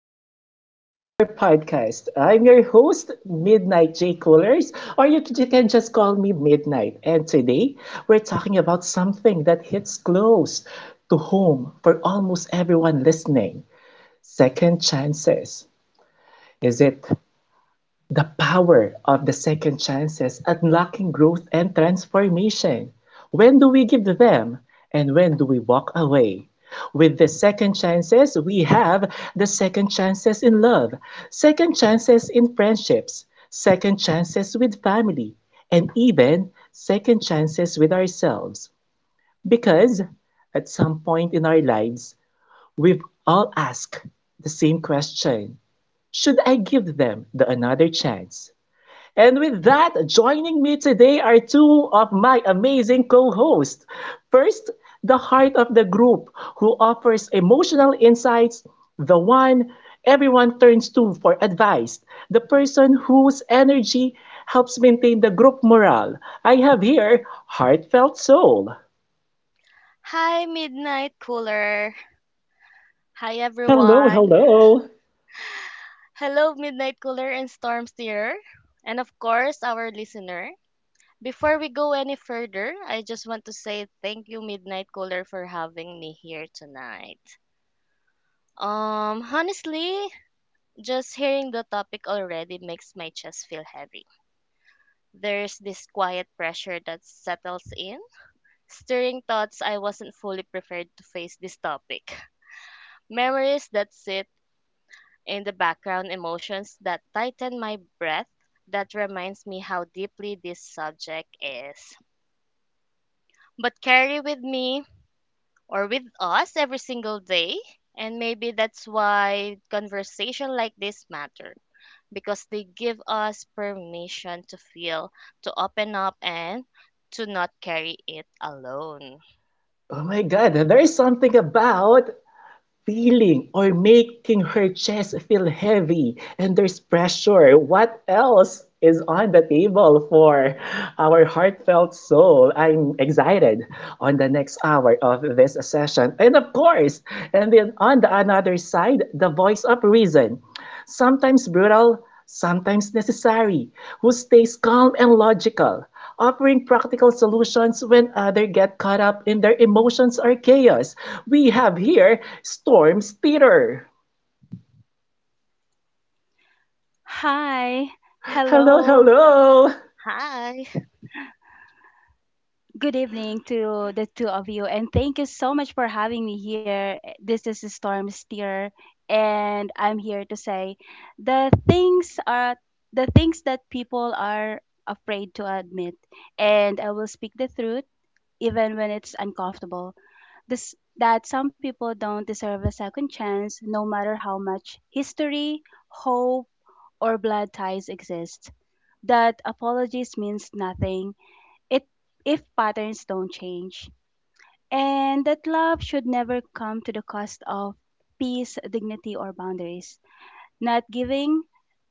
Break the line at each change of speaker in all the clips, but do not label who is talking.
and welcome to our podcast. I'm your host, Midnight J. Coolers, or you can just call me Midnight. And today, we're talking about something that hits close to home for almost everyone listening, second chances. Is it? The power of the second chances, unlocking growth and transformation. When do we give them, and when do we walk away? With the second chances, we have the second chances in love, second chances in friendships, second chances with family, and even second chances with ourselves. Because at some point in our lives, we've all asked the same question: should I give them the another chance? And with that, joining me today are two of my amazing co hosts. First, the heart of the group, who offers emotional insights, the one everyone turns to for advice, the person whose energy helps maintain the group morale. I have here Heartfelt Soul.
Hi, Midnight Cooler. Hi,
Hello,
everyone.
hello.
Hello, Midnight Cooler and Storm Steerer, and of course, our listener. Before we go any further, I just want to say thank you, Midnight Cooler, for having me here tonight. Honestly, just hearing the topic already makes my chest feel heavy. There's this quiet pressure that settles in, stirring thoughts I wasn't fully prepared to face this topic. Memories that sit in the background, emotions that tighten my breath, that reminds me how deeply this subject is, but carry with me or with us every single day. And maybe that's why conversation like this matter, because they give us permission to feel, to open up, and to not carry it alone.
Oh my God, there is something about feeling or making her chest feel heavy and there's pressure. What else is on the table for our Heartfelt Soul? I'm excited on the next hour of this session. And of course, and then on the another side, the voice of reason. Sometimes brutal, sometimes necessary, who stays calm and logical, offering practical solutions when others get caught up in their emotions or chaos. We have here Storm's Theater.
Hi.
Hello,
Hello.
hello!
Hi,
Good evening to the two of you. And thank you so much for having me here. This is Storm Steer. And I'm here to say the things are the things that people are afraid to admit. And I will speak the truth even when it's uncomfortable. This that some people don't deserve a second chance, no matter how much history, hope, or blood ties exist, that apologies means nothing it, if patterns don't change, and that love should never come to the cost of peace, dignity, or boundaries. Not giving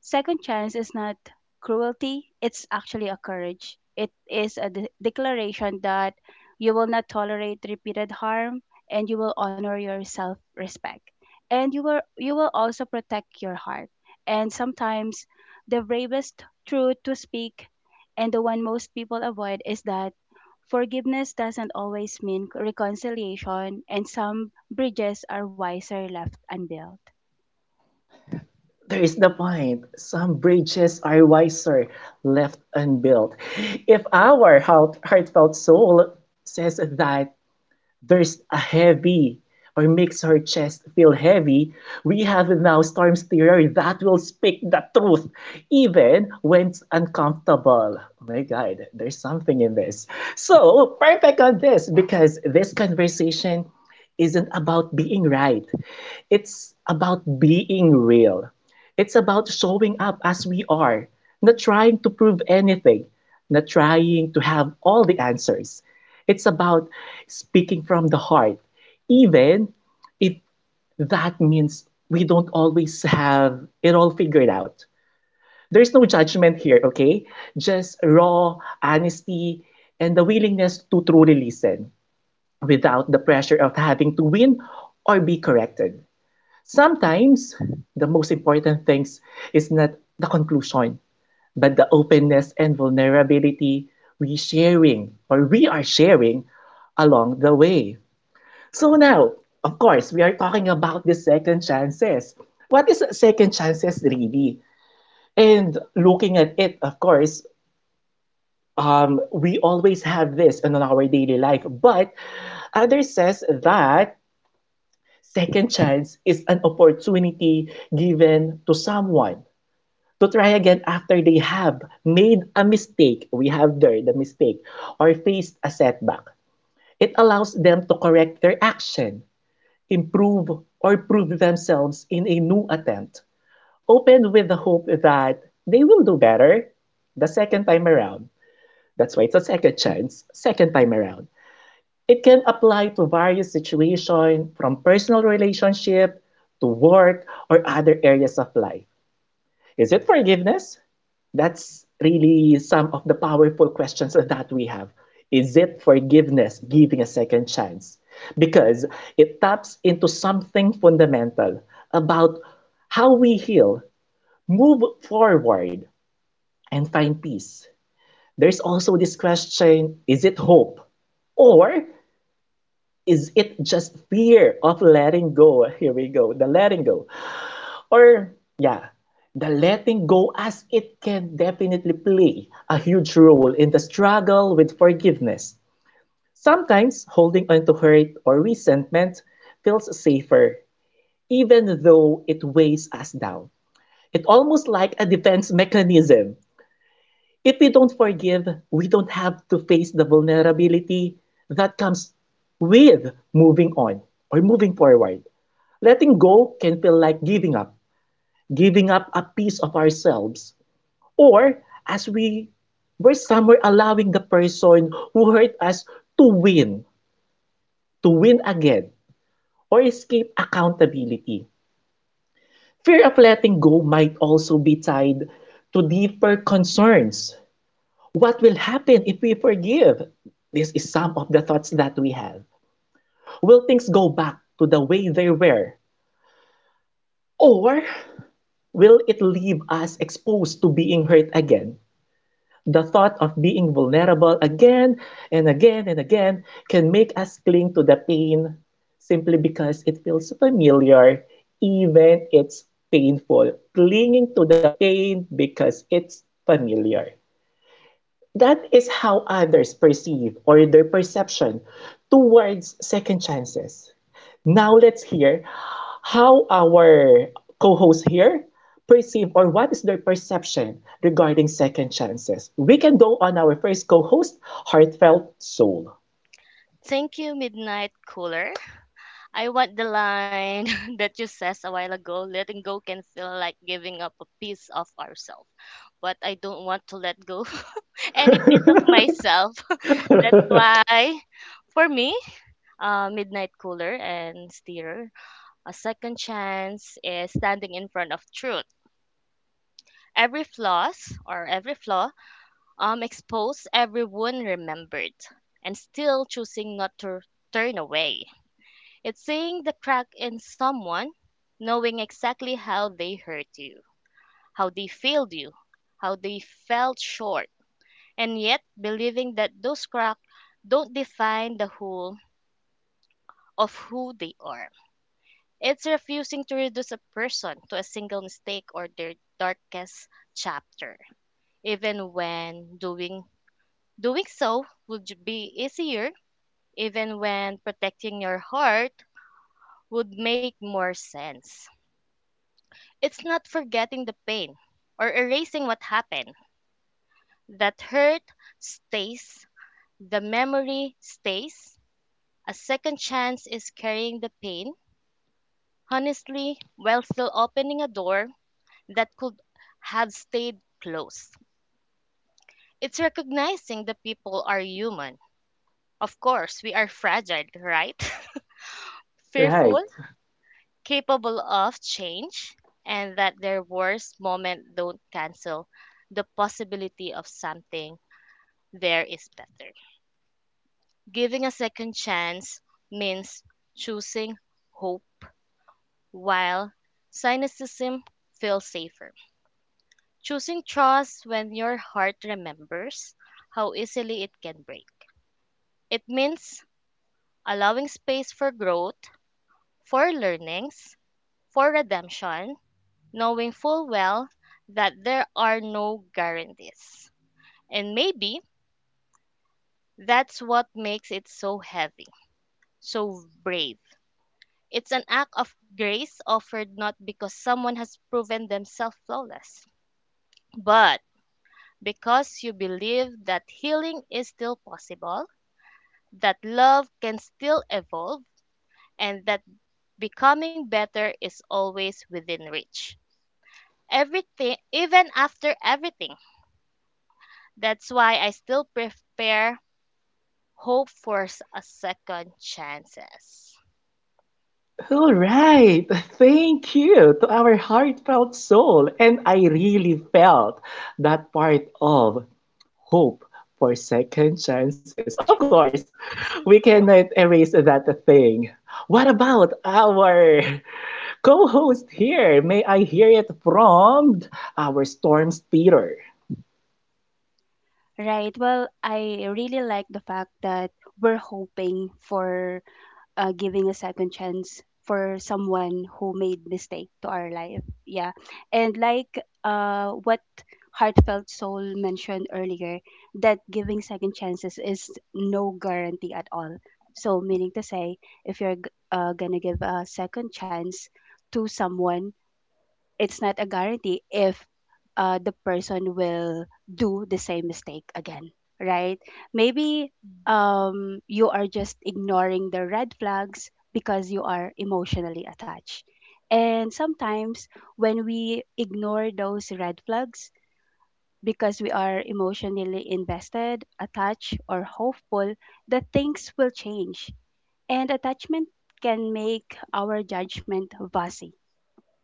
second chance is not cruelty, it's actually a courage. It is a declaration that you will not tolerate repeated harm, and you will honor your self respect, and you will also protect your heart. And sometimes the bravest truth to speak, and the one most people avoid, is that forgiveness doesn't always mean reconciliation, and some bridges are wiser left unbuilt.
There is the point. Some bridges are wiser left unbuilt. If our Heartfelt Soul says that there's a heavy or makes her chest feel heavy. We have now Storm's theory that will speak the truth even when it's uncomfortable. Oh my God, there's something in this. So perfect on this because this conversation isn't about being right. It's about being real. It's about showing up as we are, not trying to prove anything, not trying to have all the answers. It's about speaking from the heart, even if that means we don't always have it all figured out. There's no judgment here, okay? Just raw honesty and the willingness to truly listen without the pressure of having to win or be corrected. Sometimes the most important things is not the conclusion, but the openness and vulnerability we are sharing along the way. So now, of course, we are talking about the second chances. What is second chances really? And looking at it, of course, we always have this in our daily life, but others says that second chance is an opportunity given to someone to try again after they have made a mistake. We have there the mistake or faced a setback. It allows them to correct their action, improve, or prove themselves in a new attempt, open with the hope that they will do better the second time around. That's why it's a second chance, second time around. It can apply to various situations, from personal relationship to work or other areas of life. Is it forgiveness? That's really some of the powerful questions that we have. Is it forgiveness, giving a second chance? Because it taps into something fundamental about how we heal, move forward, and find peace. There's also this question: is it hope? Or is it just fear of letting go? Here we go, the letting go. Or yeah, the letting go, as it can definitely play a huge role in the struggle with forgiveness. Sometimes holding on to hurt or resentment feels safer, even though it weighs us down. It's almost like a defense mechanism. If we don't forgive, we don't have to face the vulnerability that comes with moving on or moving forward. Letting go can feel like giving up, giving up a piece of ourselves, or as we were somewhere allowing the person who hurt us to win, to win again, or escape accountability. Fear of letting go might also be tied to deeper concerns. What will happen if we forgive? This is some of the thoughts that we have. Will things go back to the way they were? Or will it leave us exposed to being hurt again? The thought of being vulnerable again and again and again can make us cling to the pain simply because it feels familiar, even it's painful. Clinging to the pain because it's familiar. That is how others perceive or their perception towards second chances. Now let's hear how our co-hosts here perceive or what is their perception regarding second chances. We can go on our first co-host, Heartfelt Soul.
thank you, Midnight Cooler. I want the line that you says a while ago, letting go can feel like giving up a piece of ourselves. But I don't want to let go any piece of myself. That's why, for me, Midnight Cooler and Steer, a second chance is standing in front of truth. Every flaws or every flaw exposed, every wound remembered, and still choosing not to turn away. It's seeing the crack in someone, knowing exactly how they hurt you, how they failed you, how they fell short, and yet believing that those cracks don't define the whole of who they are. It's refusing to reduce a person to a single mistake or their darkest chapter, even when doing so would be easier, even when protecting your heart would make more sense. It's not forgetting the pain or erasing what happened. That hurt stays, the memory stays. A second chance is carrying the pain, honestly, while still opening a door that could have stayed closed. It's recognizing the people are human. Of course, we are fragile, right?
Right.
Fearful, capable of change, and that their worst moment don't cancel the possibility of something there is better. Giving a second chance means choosing hope while cynicism feels safer. Choosing trust when your heart remembers how easily it can break. It means allowing space for growth, for learnings, for redemption, knowing full well that there are no guarantees. And maybe that's what makes it so heavy, so brave. It's an act of grace offered not because someone has proven themselves flawless, but because you believe that healing is still possible, that love can still evolve, and that becoming better is always within reach. Everything, even after everything. That's why I still prepare hope for a second chances.
All right, thank you to our Heartfelt Soul. And I really felt that part of hope for second chances. Of
True.
course, we cannot erase that thing. What about our co-host here? May I hear it from our Storms Peter?
Right. Well, I really like the fact that we're hoping for giving a second chance for someone who made mistake to our life. Yeah. And like what Heartfelt Soul mentioned earlier, that giving second chances is no guarantee at all. So, meaning to say, if you're gonna give a second chance to someone, it's not a guarantee if the person will do the same mistake again, right? Maybe
Mhm.
you are just ignoring the red flags because you are emotionally attached. And sometimes when we ignore those red flags because we are emotionally invested, attached, or hopeful that things will change, and attachment can make our judgment fuzzy,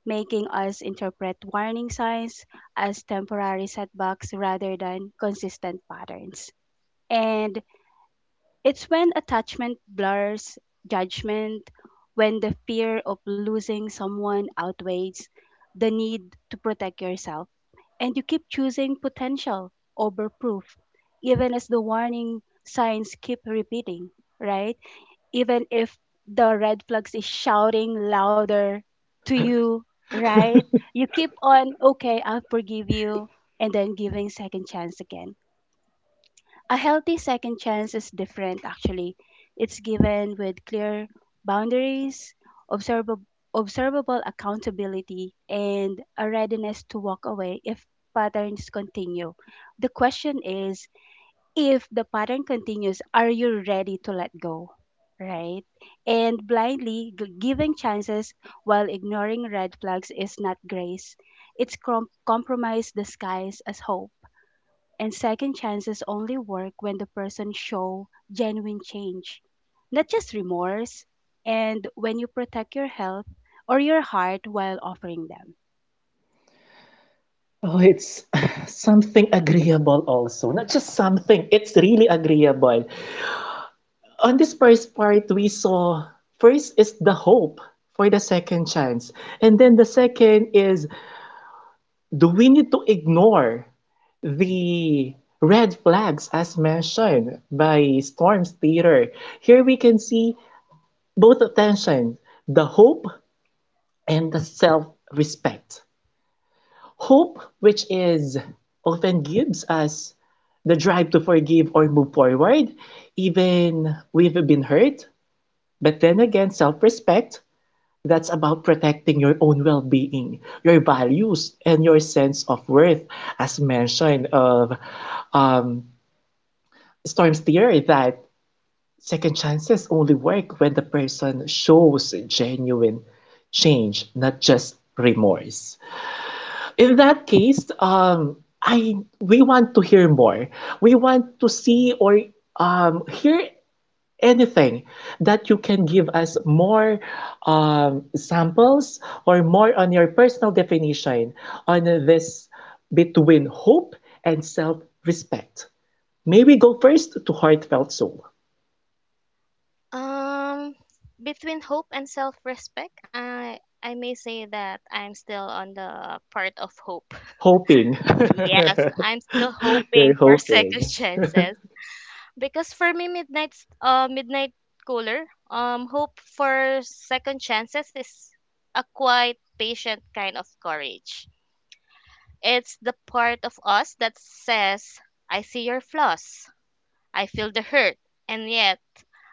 making us interpret warning signs as temporary setbacks rather than consistent patterns. And it's when attachment blurs judgment, when the fear of losing someone outweighs the need to protect yourself, and you keep choosing potential over proof, even as the warning signs keep repeating, right? Even if the red flags is shouting louder to you, right? You keep on, okay, I'll forgive you, and then giving second chance again. A healthy second chance is different actually. It's given with clear boundaries, observable observable accountability, and a readiness to walk away if patterns continue. The question is, if the pattern continues, are you ready to let go? Right? And blindly giving chances while ignoring red flags is not grace. It's compromise disguised as hope. And second chances only work when the person show genuine change, not just remorse, and when you protect your health or your heart while offering them.
Oh, it's something agreeable also. Not just something, it's really agreeable. On this first part, we saw first is the hope for the second chance. And then the second is, do we need to ignore the red flags as mentioned by Storms Peter? Here we can see both attention, the hope and the self respect. Hope, which is often gives us the drive to forgive or move forward, even we've been hurt. But then again, self respect, that's about protecting your own well being, your values, and your sense of worth, as mentioned of um, Storm's theory that second chances only work when the person shows genuine change, not just remorse. In that case, I we want to hear more. We want to see or hear anything that you can give us more samples or more on your personal definition on this between hope and self-respect. Maybe go first to Heartfelt Soul.
Um, Between hope and self-respect, I may say that I'm still on the part of hope.
Hoping.
Yes, I'm still
You're
hoping for second
hoping.
chances. Because for me, midnight cooler, hope for second chances is a quite patient kind of courage. It's the part of us that says, I see your flaws, I feel the hurt, and yet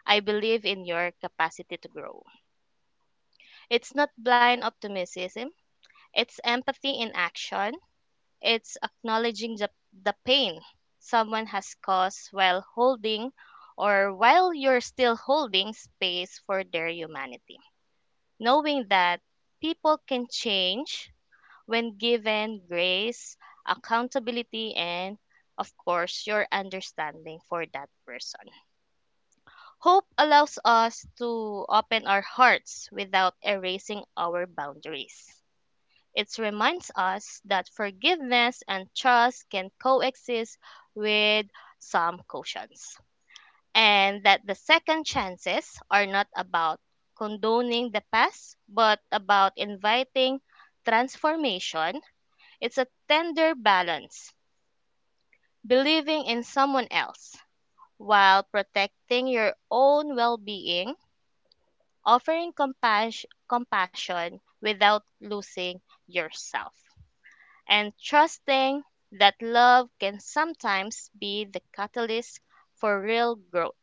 I believe in your capacity to grow. It's not blind optimism, it's empathy in action. It's acknowledging the pain someone has caused while holding, or while you're still holding space for their humanity. Knowing that people can change when given grace, accountability, and of course, your understanding for that person. Hope allows us to open our hearts without erasing our boundaries. It reminds us that forgiveness and trust can coexist with some cautions, and that the second chances are not about condoning the past, but about inviting transformation. It's a tender balance, believing in someone else while protecting your own well being, offering compassion without losing yourself, and trusting that love can sometimes be the catalyst for real growth,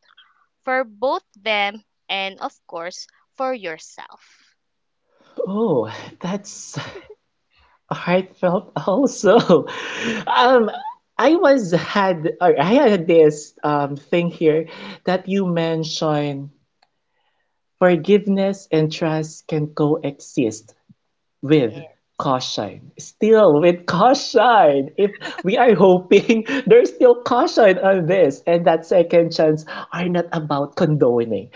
for both them and, of course, for yourself.
Oh, that's heartfelt also. Um, I had this thing here that you mentioned forgiveness and trust can coexist with
Yeah,
caution. Still with caution. If we are hoping, there's still caution on this, and that second chance are not about condoning.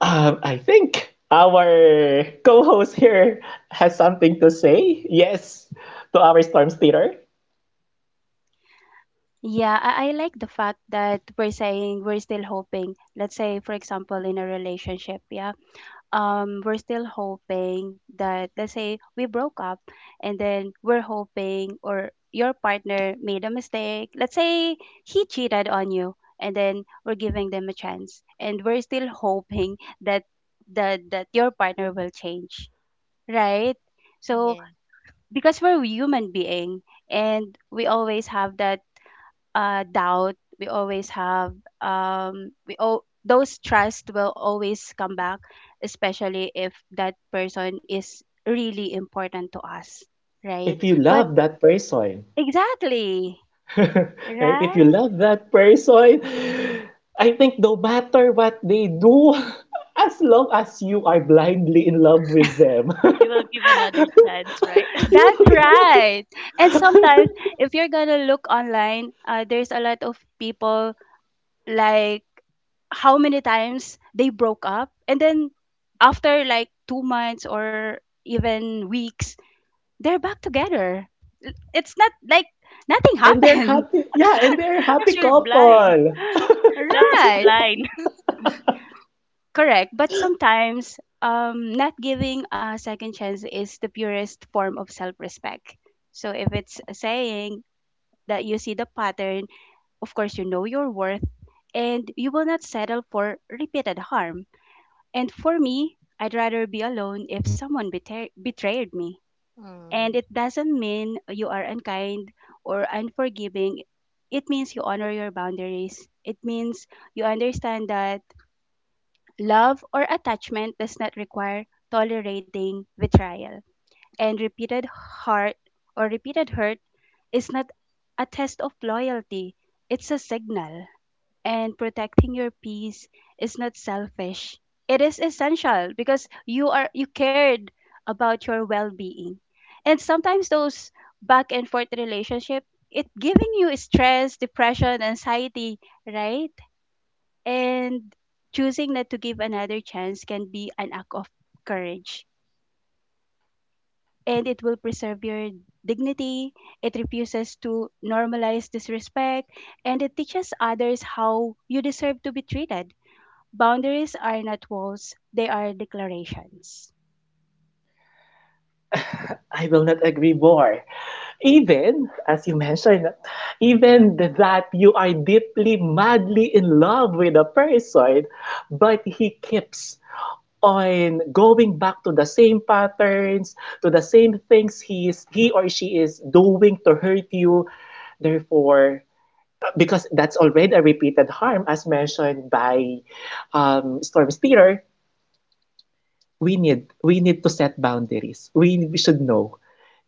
I think our co-host here has something to say. Yes, to our Storms Theater.
Yeah, I like the fact that we're saying we're still hoping. Let's say, for example, in a relationship, yeah, we're still hoping that, let's say, we broke up, and then we're hoping, or your partner made a mistake, let's say he cheated on you, and then we're giving them a chance, and we're still hoping that your partner will change, right? So
yeah.
because we're human being, and we always have that doubt, we always have, we all those trust will always come back, especially if that person is really important to us, right?
If you
But
love that person,
exactly,
right? If you
right,
love that person, I think no matter what they do, as long as you are blindly in love with them,
You will give another chance, right?
you
that's
look at them
right. And sometimes, if you're gonna look online, there's a lot of people, like, how many times they broke up, and then after like 2 months or even weeks, they're back together. It's not like nothing
and they're
happened.
happy. Yeah, and they're a happy
Because you're blind.
couple.
Love is
Right.
blind.
Correct. But sometimes not giving a second chance is the purest form of self-respect. So if it's a saying, that you see the pattern, of course you know your worth, and you will not settle for repeated harm. And for me, I'd rather be alone if someone betrayed me.
Mm.
And it doesn't mean you are unkind or unforgiving. It means you honor your boundaries. It means you understand that love or attachment does not require tolerating betrayal. And repeated heart or repeated hurt is not a test of loyalty, it's a signal, and protecting your peace is not selfish. It is essential because you cared about your well-being. And sometimes those back and forth relationship it giving you stress, depression, anxiety, right? And choosing not to give another chance can be an act of courage, and it will preserve your dignity. It refuses to normalize disrespect, and it teaches others how you deserve to be treated. Boundaries are not walls, they are declarations.
I will not agree more. Even, as you mentioned, even that you are deeply, madly in love with a person, but he keeps on going back to the same patterns, to the same things he or she is doing to hurt you. Therefore, because that's already a repeated harm, as mentioned by Storm Speeder, we need to set boundaries. We should know,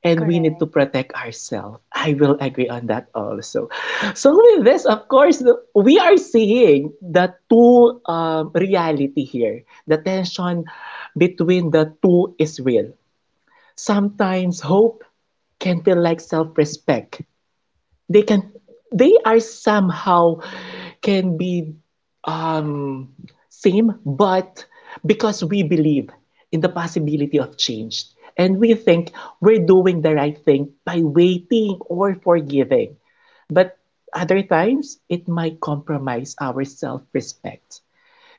and we need to
Correct.
protect ourselves. I will agree on that also. So with this, of course, we are seeing the two reality here. The tension between the two is real. Sometimes hope can feel like self-respect. They can, they are somehow can be um, same, but because we believe in the possibility of change. And we think we're doing the right thing by waiting or forgiving. But other times, it might compromise our self respect,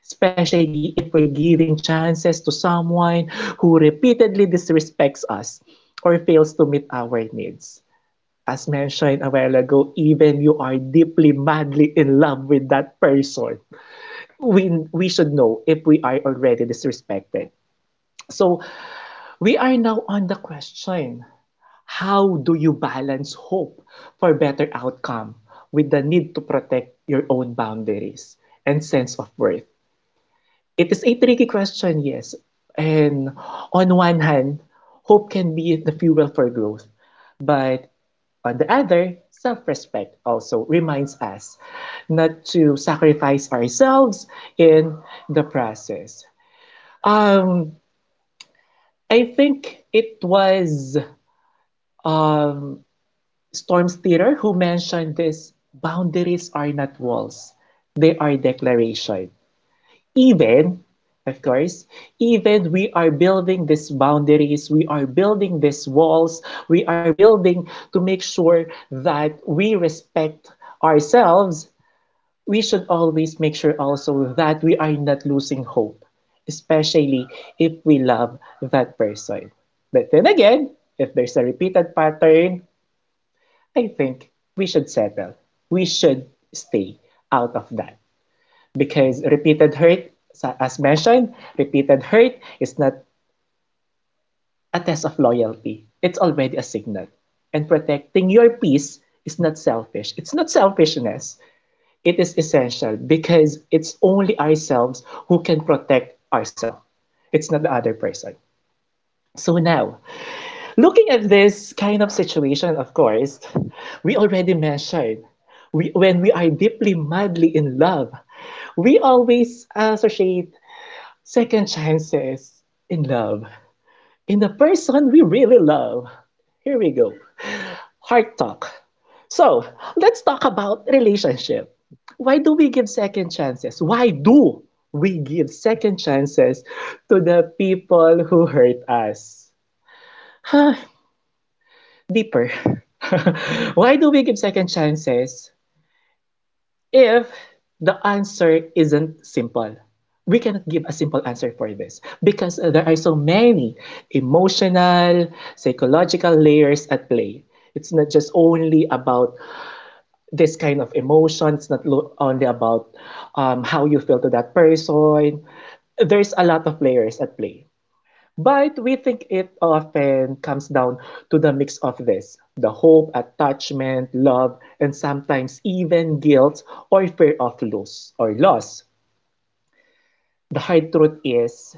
especially if we're giving chances to someone who repeatedly disrespects us or fails to meet our needs, as mentioned a while ago, even you are deeply, madly in love with that person, we should know if we are already disrespected. So we are now on the question: how do you balance hope for better outcome with the need to protect your own boundaries and sense of worth? It is a tricky question, yes. And on one hand, hope can be the fuel for growth. But on the other, self respect also reminds us not to sacrifice ourselves in the process. Um, I think it was um, Storms Theater who mentioned this, boundaries are not walls, they are declaration. Even, of course, even we are building these boundaries, we are building these walls, we are building to make sure that we respect ourselves, we should always make sure also that we are not losing hope, especially if we love that person. But then again, if there's a repeated pattern, I think we should settle. We should stay out of that, because repeated hurt, as mentioned, repeated hurt is not a test of loyalty. It's already a signal. And protecting your peace is not selfish. It's not selfishness. It is essential because it's only ourselves who can protect ourselves. It's not the other person. So now, looking at this kind of situation, of course, we already mentioned, we, when we are deeply, madly in love, we always associate second chances in love. In the person we really love. Here we go. Heart talk. So let's talk about relationship. Why do we give second chances? Why do we give second chances to the people who hurt us? Deeper. Why do we give second chances if the answer isn't simple? We cannot give a simple answer for this because there are so many emotional, psychological layers at play. It's not just only about this kind of emotions, not lo- only about how you feel to that person. There's a lot of layers at play. But we think it often comes down to the mix of this the hope, attachment, love, and sometimes even guilt or fear of loss or loss. The hard truth is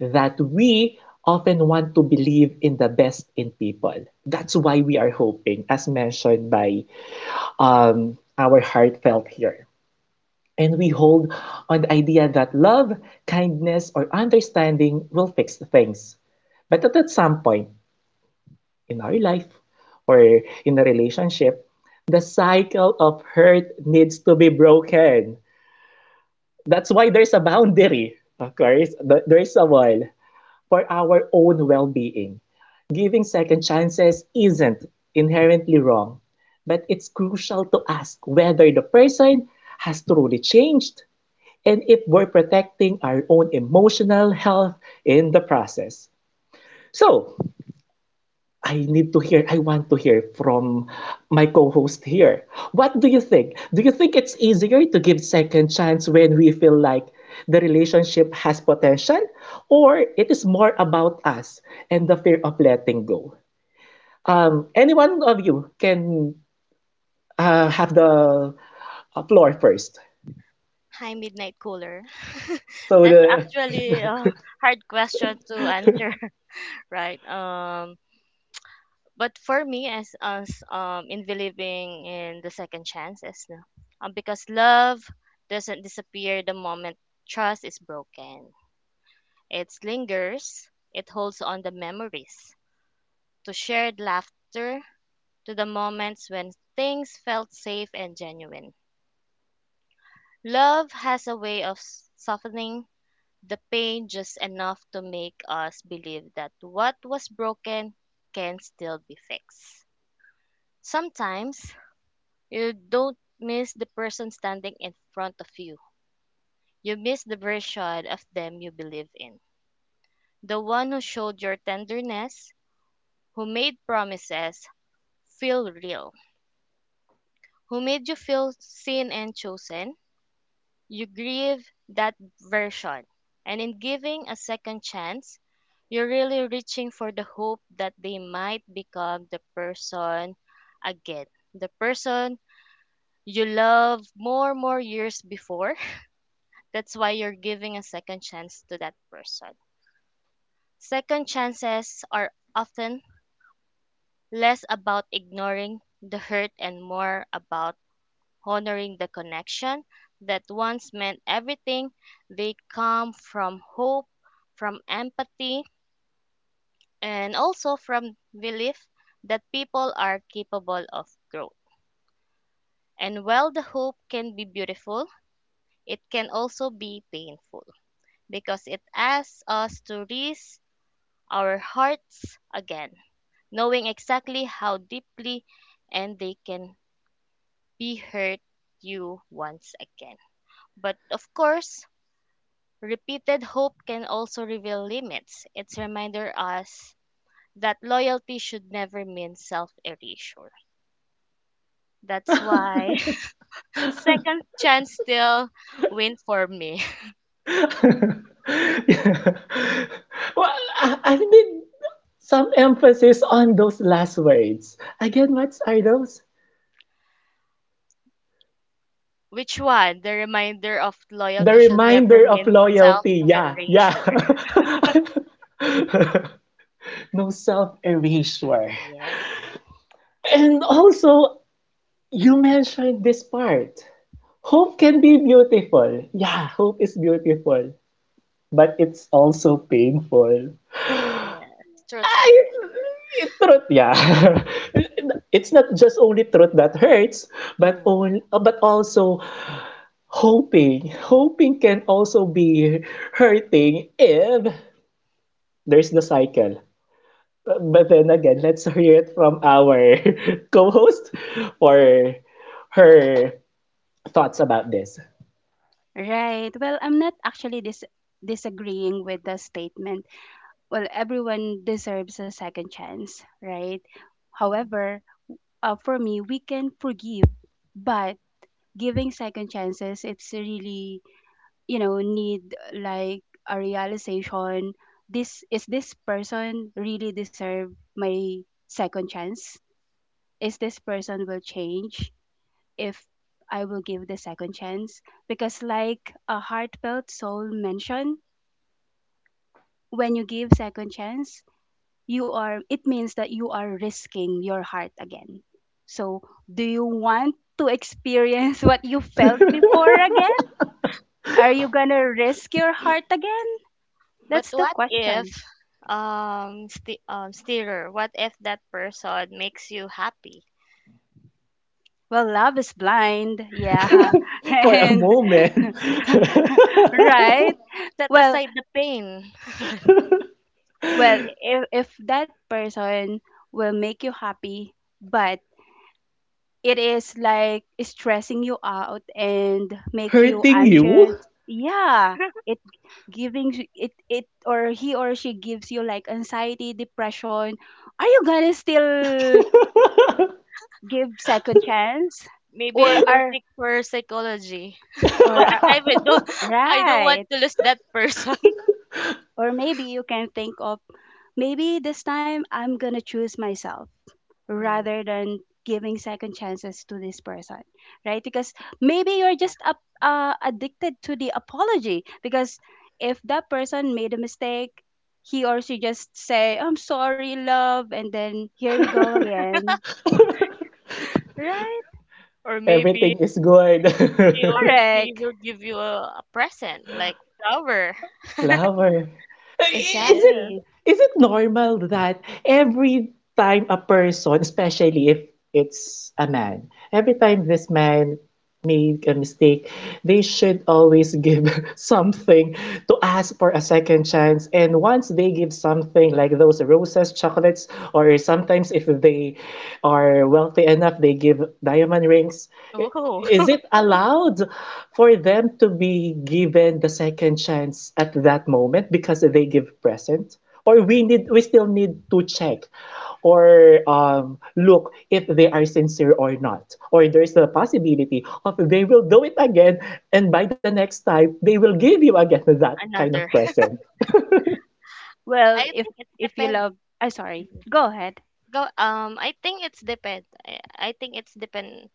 that we often want to believe in the best in people. That's why we are hoping, as mentioned by our heartfelt here. And we hold on the idea that love, kindness, or understanding will fix things. But at some point in our life or in a relationship, the cycle of hurt needs to be broken. That's why there's a boundary, of course. There's a wall for our own well being. Giving second chances isn't inherently wrong, but it's crucial to ask whether the person has truly changed and if we're protecting our own emotional health in the process. So, I want to hear from my co host here. What do you think? Do you think it's easier to give second chance when we feel like the relationship has potential, or it is more about us and the fear of letting go? Any one of you can have the floor first.
Hi, Midnight Cooler.
So
That's
the
actually a hard question to answer, right? But for me, as us, in believing in the second chances, no? Because love doesn't disappear the moment trust is broken. It lingers, it holds on the memories, to shared laughter, to the moments when things felt safe and genuine. Love has a way of softening the pain just enough to make us believe that what was broken can still be fixed. Sometimes you don't miss the person standing in front of you. You miss the version of them you believe in. The one who showed your tenderness, who made promises feel real, who made you feel seen and chosen. You grieve that version. And in giving a second chance, you're really reaching for the hope that they might become the person again. The person you loved more years before. That's why you're giving a second chance to that person. Second chances are often less about ignoring the hurt and more about honoring the connection that once meant everything. They come from hope, from empathy, and also from belief that people are capable of growth. And while the hope can be beautiful, it can also be painful because it asks us to risk our hearts again, knowing exactly how deeply and they can be hurt you once again. But of course, repeated hope can also reveal limits. It's reminder us that loyalty should never mean self-erasure. That's why second chance still win for me.
Yeah. Well, I need some emphasis on those last words. Again, what are those?
Which one? The reminder of
The
loyalty should never
reminder of
mean self
loyalty. Yeah, yeah.
erasure.
No self erasure.
Yes,
And also, you mentioned this part. Hope can be beautiful. Yeah, hope is beautiful, but it's also painful.
yes. Truth
I,
hurt.
truth, yeah. It's not just only truth that hurts,
Mm.
but also hoping. Hoping can also be hurting if there's the cycle. But then again, let's hear it from our co-host for her thoughts about this.
Right. Well, I'm not actually disagreeing with the statement. Well, everyone deserves a second chance, right? However, for me, we can forgive, but giving second chances, it's really, you know, need like a realization. This person really deserve my second chance? Is this person will change, if I will give the second chance? Because like a heartfelt soul mentioned, when you give second chance, you are it means that you are risking your heart again. So, do you want to experience what you felt before again? Are you going to risk your heart again?
But
That's the
what if,
question.
sti steerer? What if that person makes you happy?
Well, love is blind. Yeah.
For a
And
moment.
right?
Set
Well,
aside the pain.
Well, if that person will make you happy, but it is like stressing you out and make you
Hurting
anxious,
you?
yeah, it giving you- it or he or she gives you like anxiety, depression. Are you gonna still give second chance,
Maybe
or
I will
are
seek for psychology,
or
but
are,
I will don't. I don't want
right?
to lose that person.
Or maybe you can think of, maybe this time I'm going to choose myself
Mm,
rather than giving second chances to this person, right? Because maybe you're
yeah.
just addicted to the apology. Because if that person made a mistake, he or she just say, "I'm sorry, love," and then here we go again, right?
Or maybe
Everything is good.
he or she
Correct.
will give you a present like flower.
Flower. Is it
Yes.
Exactly.
is it normal that every time a person, especially if it's a man, every time this man made a mistake, they should always give something to ask for a second chance? And once they give something like those roses, chocolates, or sometimes if they are wealthy enough, they give diamond rings.
Oh,
Is it allowed for them to be given the second chance at that moment because they give present? Or we still need to check or look if they are sincere or not. Or there's the possibility of they will do it again and by the next time they will give you again that kind
another.
of present.
I
Well, if
think it's
if you
depend.
love, I sorry. Go ahead.
Go. I think it's depend. I think it's depend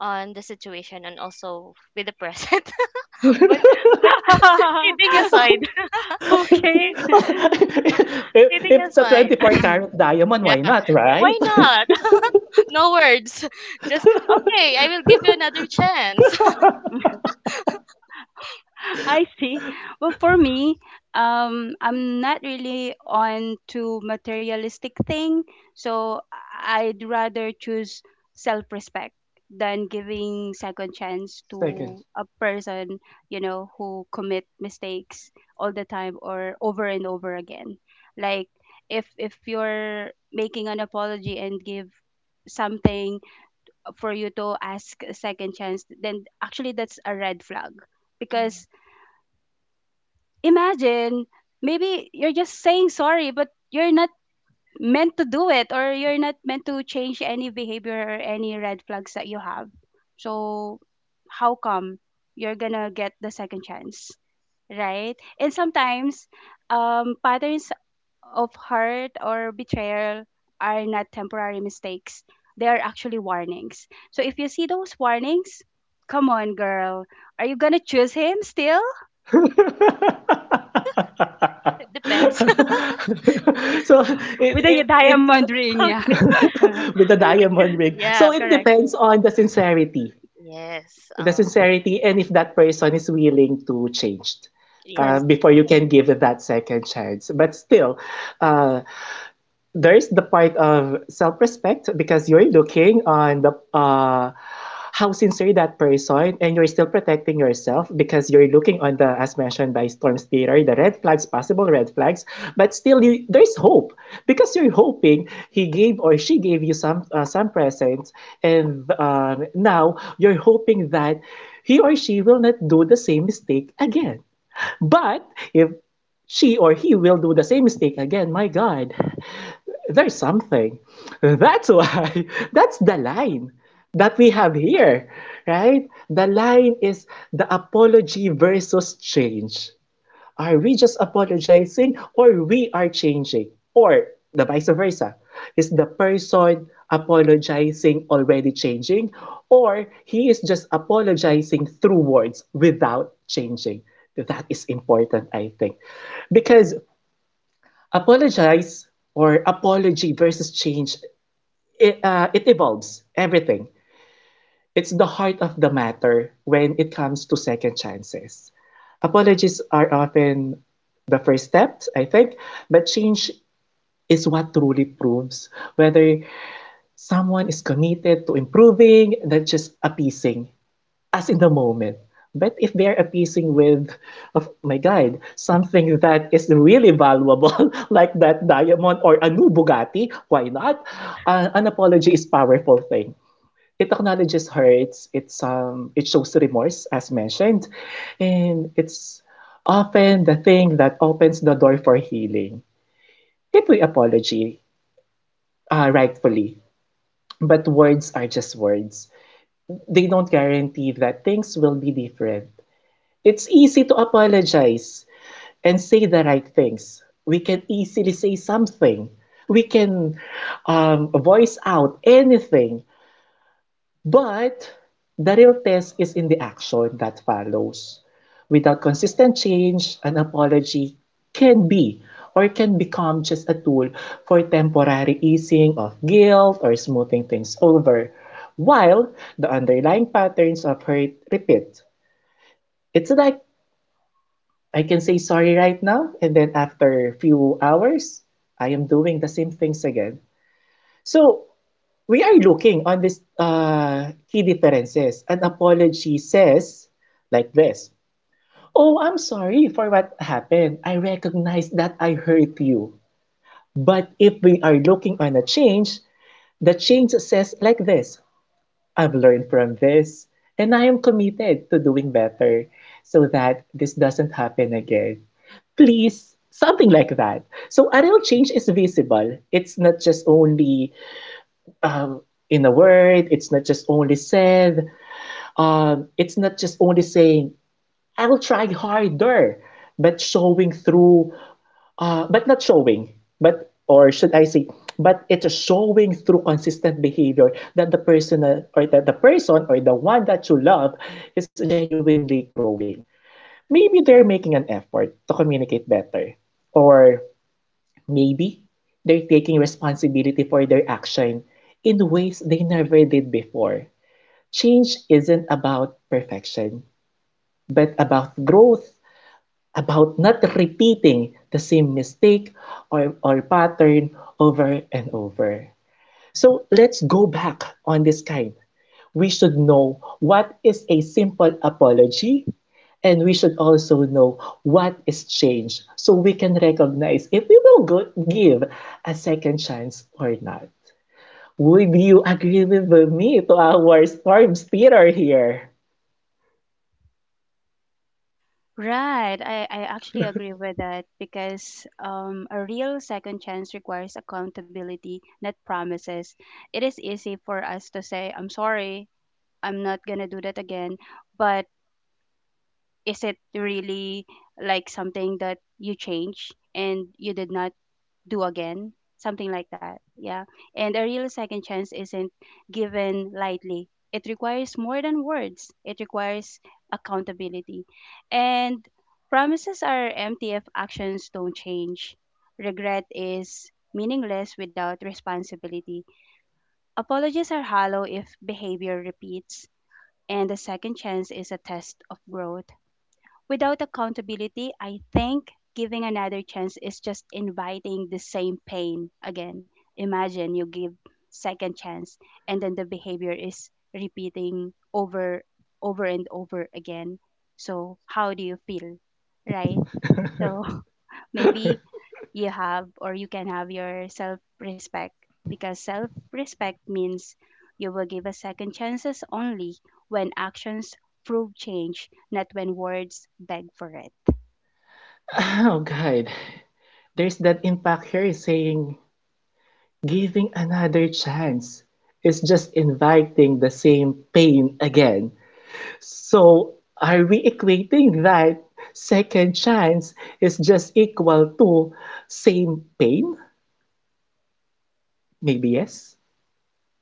on the situation and also with the present. but but kidding aside,
if,
Okay.
kid- kidding
if it's a
aside,
24-carat carat diamond,
yeah,
why not,
yeah,
right?
why not? No words, just okay. I will give you another chance.
I see. Well, for me, I'm not really on to materialistic thing, so I'd rather choose self-respect than giving second chance
Second.
to a person, you know, who commit mistakes all the time or over and over again. Like, if you're making an apology and give something for you to ask a second chance, then actually that's a red flag.
Mm.
Because imagine, maybe you're just saying sorry, but you're not meant to do it, or you're not meant to change any behavior or any red flags that you have. So how come you're gonna get the second chance, right? And sometimes, patterns of hurt or betrayal are not temporary mistakes, they are actually warnings. So if you see those warnings, come on, girl, are you gonna choose him still
It depends.
So it
with a
it it
diamond ring?
How
Yeah.
the-
with the
But
diamond ring.
yeah.
So it
Correct.
depends on
Yes.
the sincerity, and if that person is willing to change
Correct.
Yes.
before you can give that second chance. But still, uh, there is the part of self-respect because you're looking on the how sincere that person and you're still protecting yourself because you're looking on the as mentioned by storm theater the red flags possible red flags but still you, there's hope because you're hoping
Mm.
he gave or she gave you some presents and now you're hoping that he or she will not do the same mistake again but if she or he will do the same mistake again. My God, there's something. That's why, that's the line that we have here, right? The line is the apology versus change. Are we just apologizing or we are changing? Or the vice versa. Is the person apologizing already changing or he is just apologizing through words without changing? That is important, I think. Because apologize or apology versus change it evolves everything. It's the heart of the matter when it comes to second chances. Apologies are often the first steps I think, but change is what truly proves whether someone is committed to improving, not just appeasing as in the moment. But if they're appeasing with, of my guide, something that is really valuable, like that diamond or a new Bugatti, why not? An apology is a powerful thing. It acknowledges hurts. It shows remorse, as mentioned, and it's often the thing that opens the door for healing. People apology, rightfully, but words are just words. They don't guarantee that things will be different. It's easy to apologize and say the right things. We can easily say something. We can voice out anything. But the real test is in the action that follows. Without consistent change, an apology can be or can become just a tool for temporary easing of guilt or smoothing things over, while the underlying patterns of hurt repeat. It's like I can say sorry right now, and then after a few hours, I am doing the same things again. So we are looking on this key differences. An apology says like this. Oh, I'm sorry for what happened. I recognize that I hurt you. But if we are looking on a change, the change says like this: I've learned from this, and I am committed to doing better so that this doesn't happen again. Please something like that. So a real change is visible. It's not just only um, in a word it's not just only said, it's not just only saying I will try harder, but showing through but not showing but or should I say but it's showing through consistent behavior that the person or the one that you love is genuinely growing. Maybe they're making an effort to communicate better, or maybe they're taking responsibility for their action in ways they never did before. Change isn't about perfection, but about growth, about not repeating the same mistake or pattern over and over. So let's go back on this kind. We should know what is a simple apology. And we should also know what is changed, so we can recognize if we will go give a second chance or not. Would you agree with me to our storms Peter here?
Right. I actually agree with that, because a real second chance requires accountability, not promises. It is easy for us to say, I'm sorry, I'm not going to do that again. But is it really like something that you change and you did not do again, something like that. Yeah. And a real second chance isn't given lightly. It requires more than words. It requires accountability. And promises are empty if actions don't change. Regret is meaningless without responsibility. Apologies are hollow if behavior repeats. And a second chance is a test of growth. Without accountability, I think giving another chance is just inviting the same pain again. Imagine you give second chance, and then the behavior is repeating over and over again. So how do you feel? Right? So maybe you have, or you can have your self respect, because self respect means you will give a second chances only when actions prove change, not when words beg for it.
Oh God, there's that impact here saying giving another chance is just inviting the same pain again. So are we equating that second chance is just equal to same pain? Maybe yes,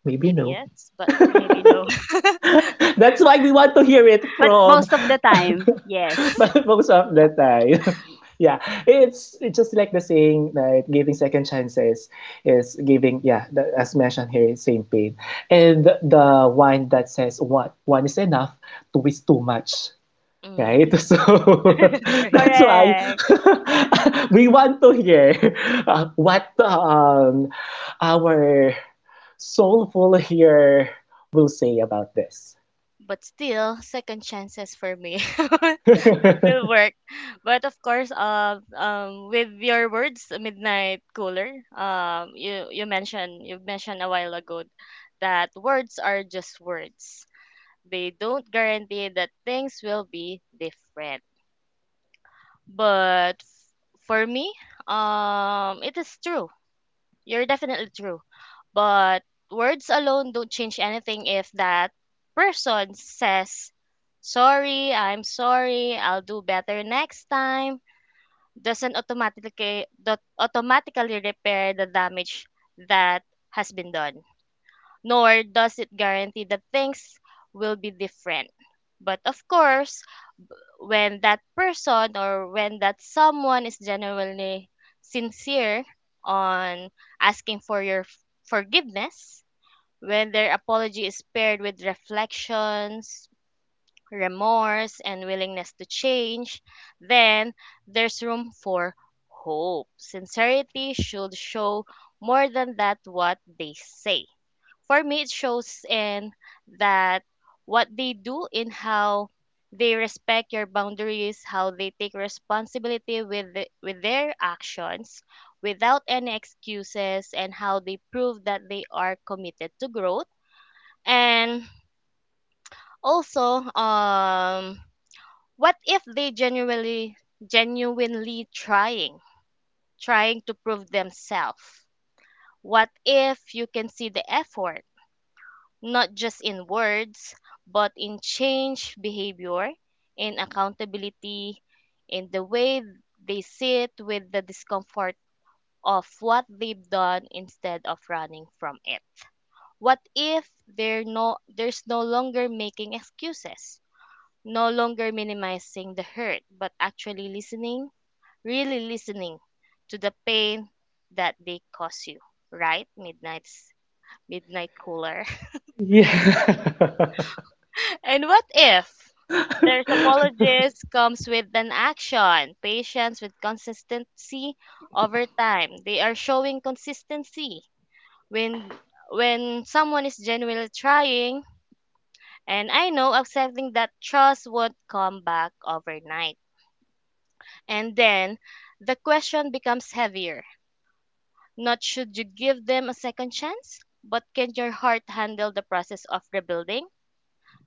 maybe
Maybe
no.
yes, but maybe no.
That's why we want to hear it
But
from
most of the time, yes.
most of the
Char-
time. Yeah, it's just like the saying that giving second chances is giving. Yeah, the, as mentioned here, it's same pain. And the one that says one is enough, two is too much. Right,
Mm.
so
That's right.
that's why
Correct.
we want to hear what our soulful here will say about this.
But still, second chances for me. Will work. But of course, with your words, midnight cooler. You you mentioned a while ago that words are just words. They don't guarantee that things will be different. But for me, it is true. You're definitely true. But words alone don't change anything. If that person says sorry, I'm sorry, I'll do better next time, doesn't automatically dot automatically repair the damage that has been done, nor does it guarantee that things will be different. But of course, when that person or when that someone is genuinely sincere on asking for your forgiveness, when their apology is paired with reflections, remorse, and willingness to change, then there's room for hope. Sincerity should show more than that what they say. For me, it shows in that what they do, in how they respect your boundaries, how they take responsibility with their actions without any excuses, and how they prove that they are committed to growth. And also, what if they genuinely trying, trying to prove themselves? What if you can see the effort, not just in words, but in change behavior, in accountability, in the way they sit with the discomfort of what they've done instead of running from it? What if they're there's no longer making excuses, no longer minimizing the hurt, but actually listening, really listening to the pain that they cause you, right? Midnight cooler.
Yeah.
And what if there's apologies comes with an action, patience with consistency over time. They are showing consistency when someone is genuinely trying, and I know accepting that trust would come back overnight. And then the question becomes heavier. Not should you give them a second chance, but can your heart handle the process of rebuilding?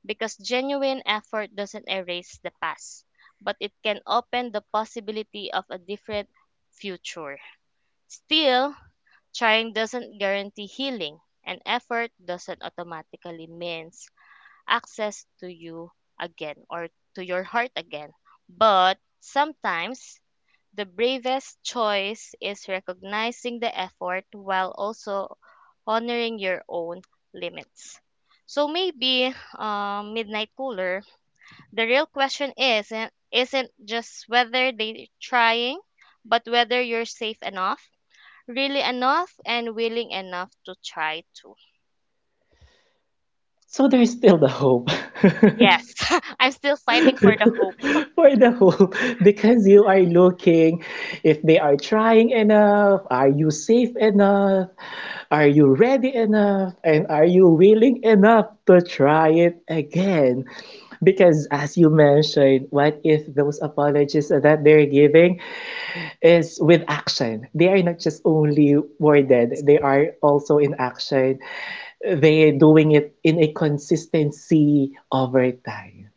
Because genuine effort doesn't erase the past, but it can open the possibility of a different future. Still, trying doesn't guarantee healing, and effort doesn't automatically means access to you again or to your heart again. But sometimes the bravest choice is recognizing the effort while also honoring your own limits. So maybe, midnight cooler, the real question is isn't just whether they're trying, but whether you're safe enough, really enough, and willing enough to try to.
So there is still the hope.
Yes, I'm still fighting for the hope.
For the hope, because you are looking if they are trying enough, are you safe enough, are you ready enough, and are you willing enough to try it again? Because as you mentioned, what if those apologies that they're giving is with action? They are not just only worded,
Yes,
they are also in action. They're doing it in a consistency over time.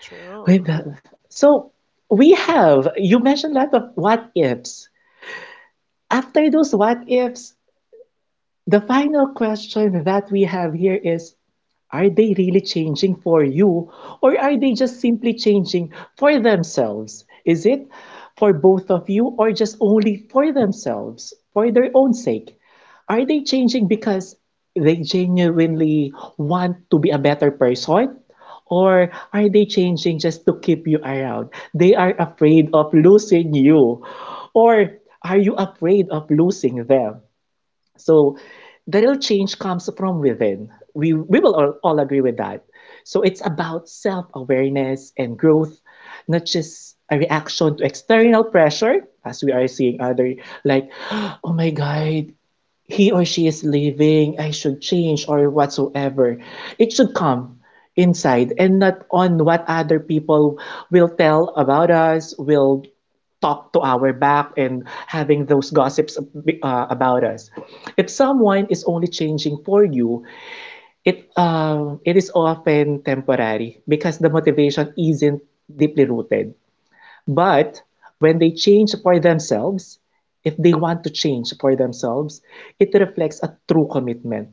true.
With the- So we have, you mentioned a lot of what ifs. After those what ifs, the final question that we have here is: are they really changing for you or are they just simply changing for themselves? Is it for both of you or just only for themselves, for their own sake? Are they changing because they genuinely want to be a better person? Or are they changing just to keep you around? They are afraid of losing you. Or are you afraid of losing them? So the real change comes from within. We will all agree with that. So it's about self awareness and growth, not just a reaction to external pressure, as we are seeing other, like, oh my God, he or she is leaving, I should change, or whatsoever. It should come inside and not on what other people will tell about us, will talk to our back and having those gossips about us. If someone is only changing for you, it is often temporary because the motivation isn't deeply rooted. But when they change for themselves, if they want to change for themselves, it reflects a true commitment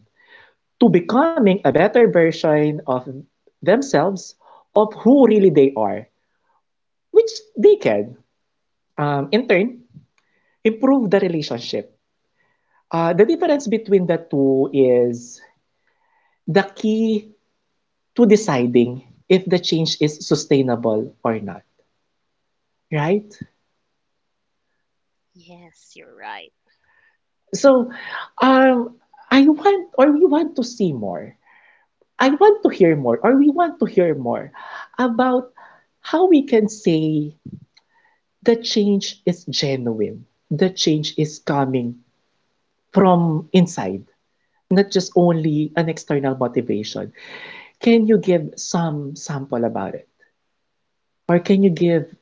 to becoming a better version of themselves, of who really they are, which they can, in turn, improve the relationship. The difference between the two is the key to deciding if the change is sustainable or not, right?
Yes, you're right.
So, um, I want or we want to see more. I want to hear more or we want to hear more about how we can say the change is genuine, the change is coming from inside, not just only an external motivation. Can you give some sample about it? Or can you give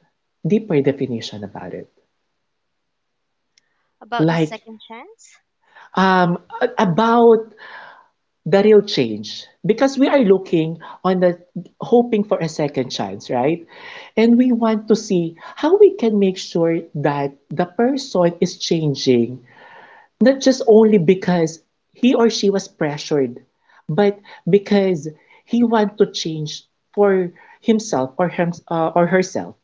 deeper definition about it?
About the
Like
second chance?
um, about the real change because we are looking on the hoping for a second chance, right? And we want to see how we can make sure that the person is changing, not just only because he or she was pressured, but because he wants to change for himself or or herself.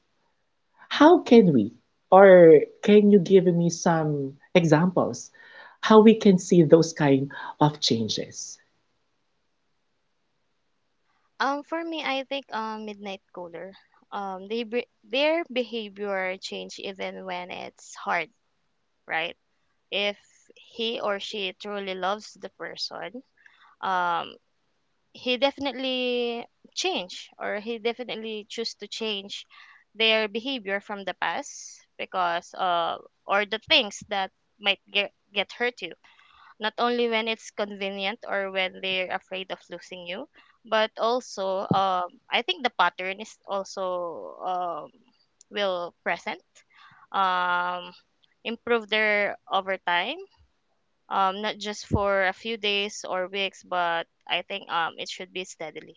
How can we, or can you give me some examples how we can see those kind of changes?
For me, I think, Midnight cooler, they their behavior change even when it's hard, right? If he or she truly loves the person, um, he definitely change, or he definitely choose to change their behavior from the past. Because Or the things that might get hurt you, not only when it's convenient or when they're afraid of losing you, but also, I think the pattern is also, will present, um improve their over time, not just for a few days or weeks, but I think it should be steadily.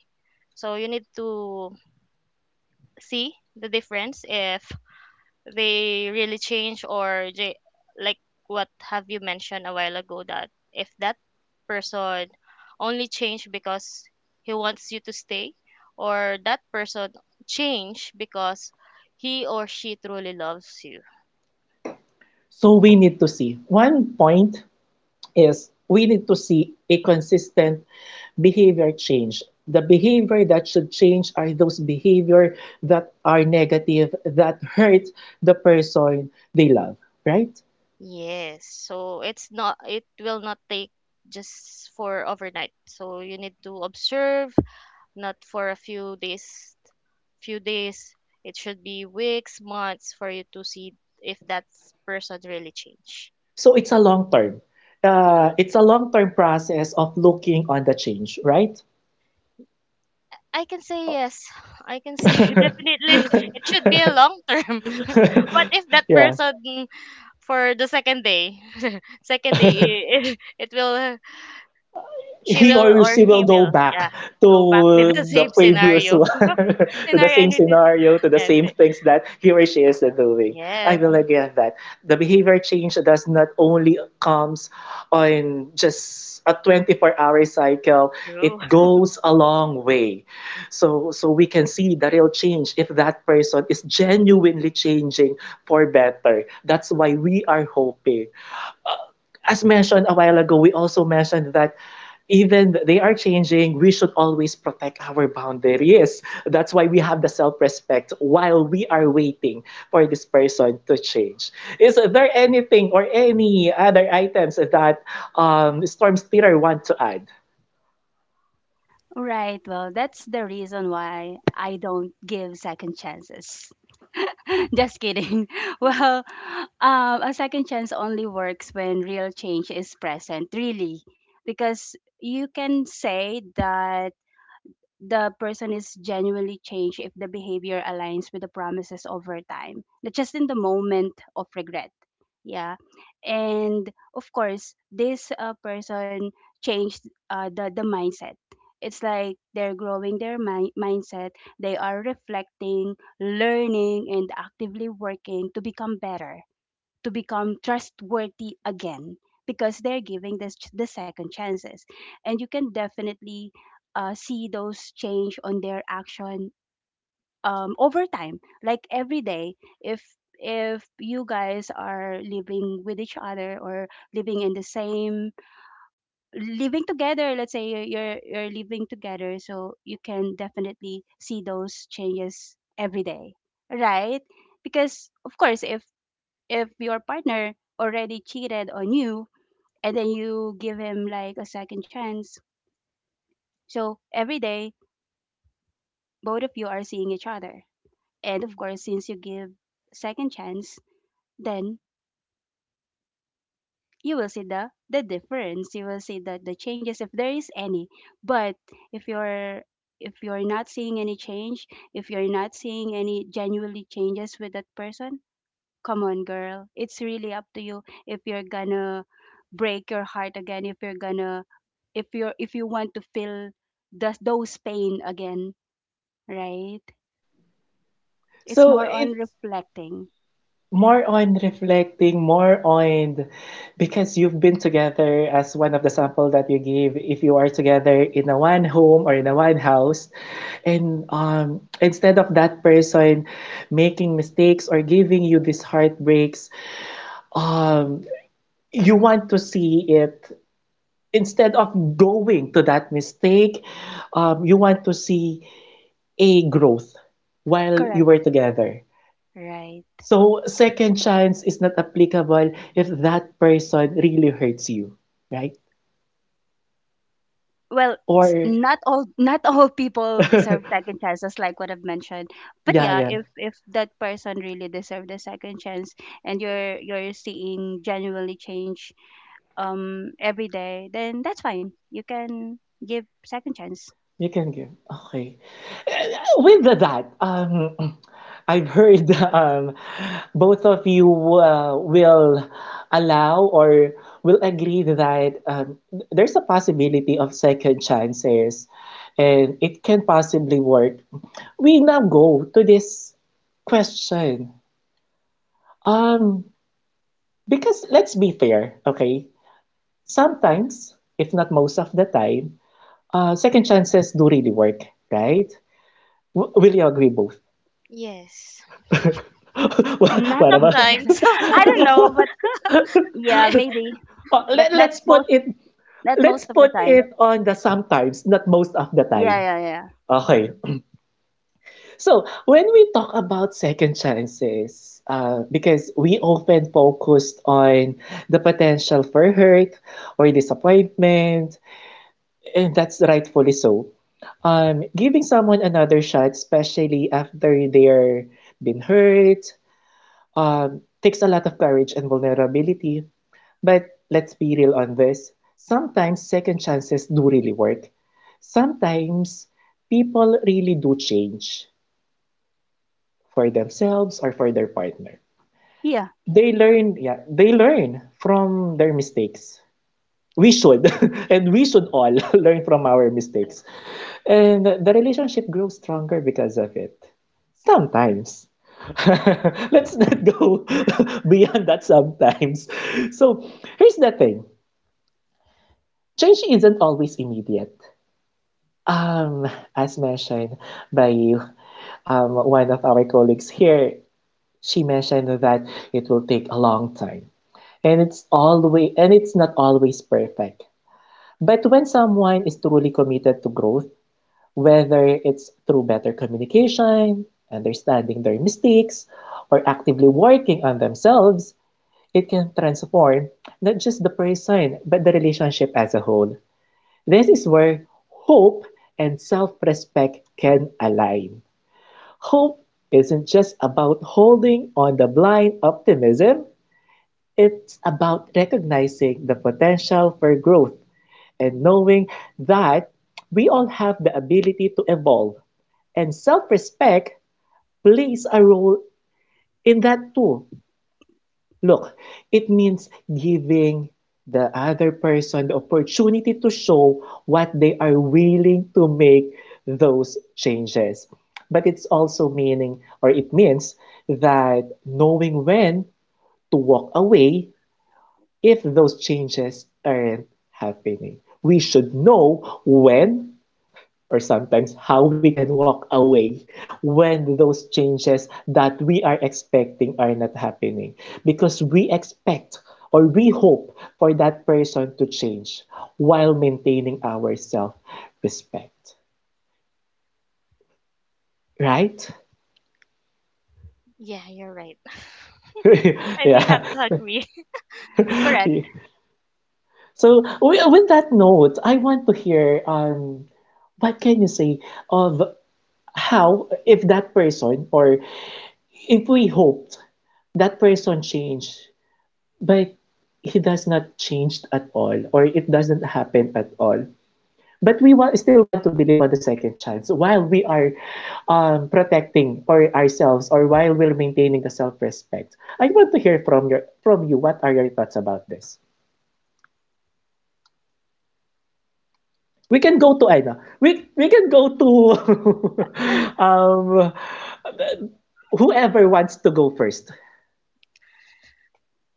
So you need to see the difference if they really change, or they, like what have you mentioned a while ago, that if that person only change because he wants you to stay, or that person change because he or she truly loves you.
So we need to see. One point is we need to see a consistent behavior change. The behavior that should change are those behavior that are negative, that hurt the person they love, right?
Yes. So it will not take just for overnight. So you need to observe, not for a few days few days. It should be weeks, months, for you to see if that person really changed.
So it's a long term.
Yeah.
It's a long term process of looking on the change, right?
I can say yes. I can say definitely it should be a long term. What if that
Yeah.
person for the second day? Second day, it will, she
He or
will or
she will
he
go
will,
back
yeah, go back with
to
the
the
same
previous
scenario.
one, to the
Scenario,
same
and it is,
scenario, to the
and
same things that he or she is doing. I
yes,
will agree on that. The behavior change does not only comes on just a 24-hour cycle.
true.
It goes a long way. So, so we can see the real change if that person is genuinely changing for better. That's why we are hoping as mentioned a while ago, we also mentioned that even they are changing, we should always protect our boundaries. That's why we have the self respect while we are waiting for this person to change. Is there anything or any other items that Storm Steeler want to add?
Right. Well, that's the reason why I don't give second chances. Just kidding. Well, a second chance only works when real change is present, really. Because you can say that the person is genuinely changed if the behavior aligns with the promises over time, not just in the moment of regret. Yeah, and of course this person changed the mindset. It's like they're growing their mindset. They are reflecting, learning, and actively working to become better, to become trustworthy again, because they're giving this the second chances. And you can definitely see those change on their action over time, like every day, if if you guys are living with each other, or living in the same living together. Let's say you're living together, so you can definitely see those changes every day, right? Because of course, if your partner already cheated on you, and then you give him like a second chance, so every day both of you are seeing each other. And of
Mm.
course, since you give second chance, then you will see the difference. You will see the changes if there is any. But if you're if you're not seeing any change, if you're not seeing any genuinely changes with that person, come on girl, it's really up to you if you're gonna break your heart again, if you're gonna if you want to feel those pain again, right? It's
So
more on
it's
reflecting.
more on reflecting, more on because you've been together as one of the sample that you give. If you are together in a one home or in a one house, and instead of that person making mistakes or giving you these heartbreaks, um, you want to see it instead of going to that mistake, you want to see a growth while you
Correct.
were together.
Right.
So second chance is not applicable if that person really hurts you, right?
Well,
Or
not all, not all people deserve second chances, like what I've mentioned. But
yeah,
yeah,
yeah,
if that person really deserved a second chance, and you're seeing genuinely change every day, then that's fine, you can give second chance.
you can give. Okay. With that, I've heard both of you will allow or will agree that there's a possibility of second chances, and it can possibly work. We now go to this question. Um, Because let's be fair, okay? Sometimes, if not most of the time, second chances do really work, right? Will you agree both?
Yes.
Not
What about?
most of the time.
Sometimes.
I don't know, but yeah, maybe.
Oh,
But
let,
not
let's put
most,
it,
not
let's
most of the
put
time.
it on the sometimes, not most of the
Yeah,
time.
yeah, yeah.
Okay.
Mm.
So when we talk about second chances, because we often focused on the potential for hurt or disappointment, and that's rightfully so. Giving someone another shot, especially after they're been hurt, takes a lot of courage and vulnerability. But let's be real on this. Sometimes second chances do really work. Sometimes people really do change for themselves or for their partner.
Yeah.
They learn, yeah, they learn from their mistakes. We should, and we should all learn from our
True.
mistakes. And the relationship grows stronger because of it. Sometimes. Let's not go beyond that sometimes. So here's the thing, change isn't always immediate. Um, as mentioned by you, one of our colleagues here, she mentioned that it will take a long time. And it's not always perfect. But when someone is truly committed to growth, whether it's through better communication, understanding their mistakes, or actively working on themselves, it can transform not just the person, but the relationship as a whole. This is where hope and self respect can align. Hope isn't just about holding on the blind optimism, it's about recognizing the potential for growth and knowing that we all have the ability to evolve, and self-respect plays a role in that too. Look, it means giving the other person the opportunity to show what they are willing to make those changes. But it's also meaning, or it means that knowing when to walk away if those changes aren't happening. We should know when or sometimes how we can walk away when those changes that we are expecting are not happening, because we expect or we hope for that person to change while maintaining our self respect, right?
Yeah, you're right. I may have
Yeah.
to agree.
Correct.
So with that note, I want to hear what can you say of how, if that person, or if we hoped that person changed, but he does not change at all, or it doesn't happen at all. But we still want to believe on the second chance while we are protecting or ourselves, or while we're maintaining the self-respect. I want to hear from you. What are your thoughts about this? We can go to Aina. We can go to um, whoever wants to go first.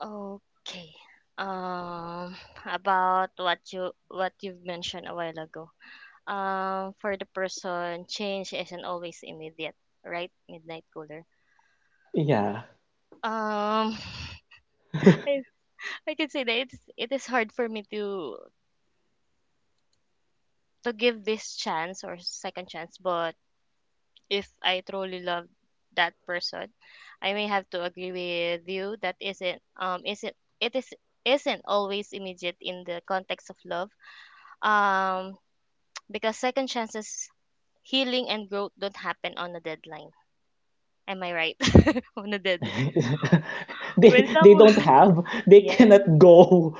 Okay. Um, about what you've mentioned a while ago. For the person, change isn't always immediate, right? Midnight cooler.
Yeah.
Um, I I can say that it is hard for me to give this chance or second chance. But if I truly love that person, I may have to agree with you that isn't it is isn't always immediate in the context of love, um because second chances, healing and growth, don't happen on a deadline. Am I right? On a deadline. When
They they don't
someone
have, they
yes,
cannot go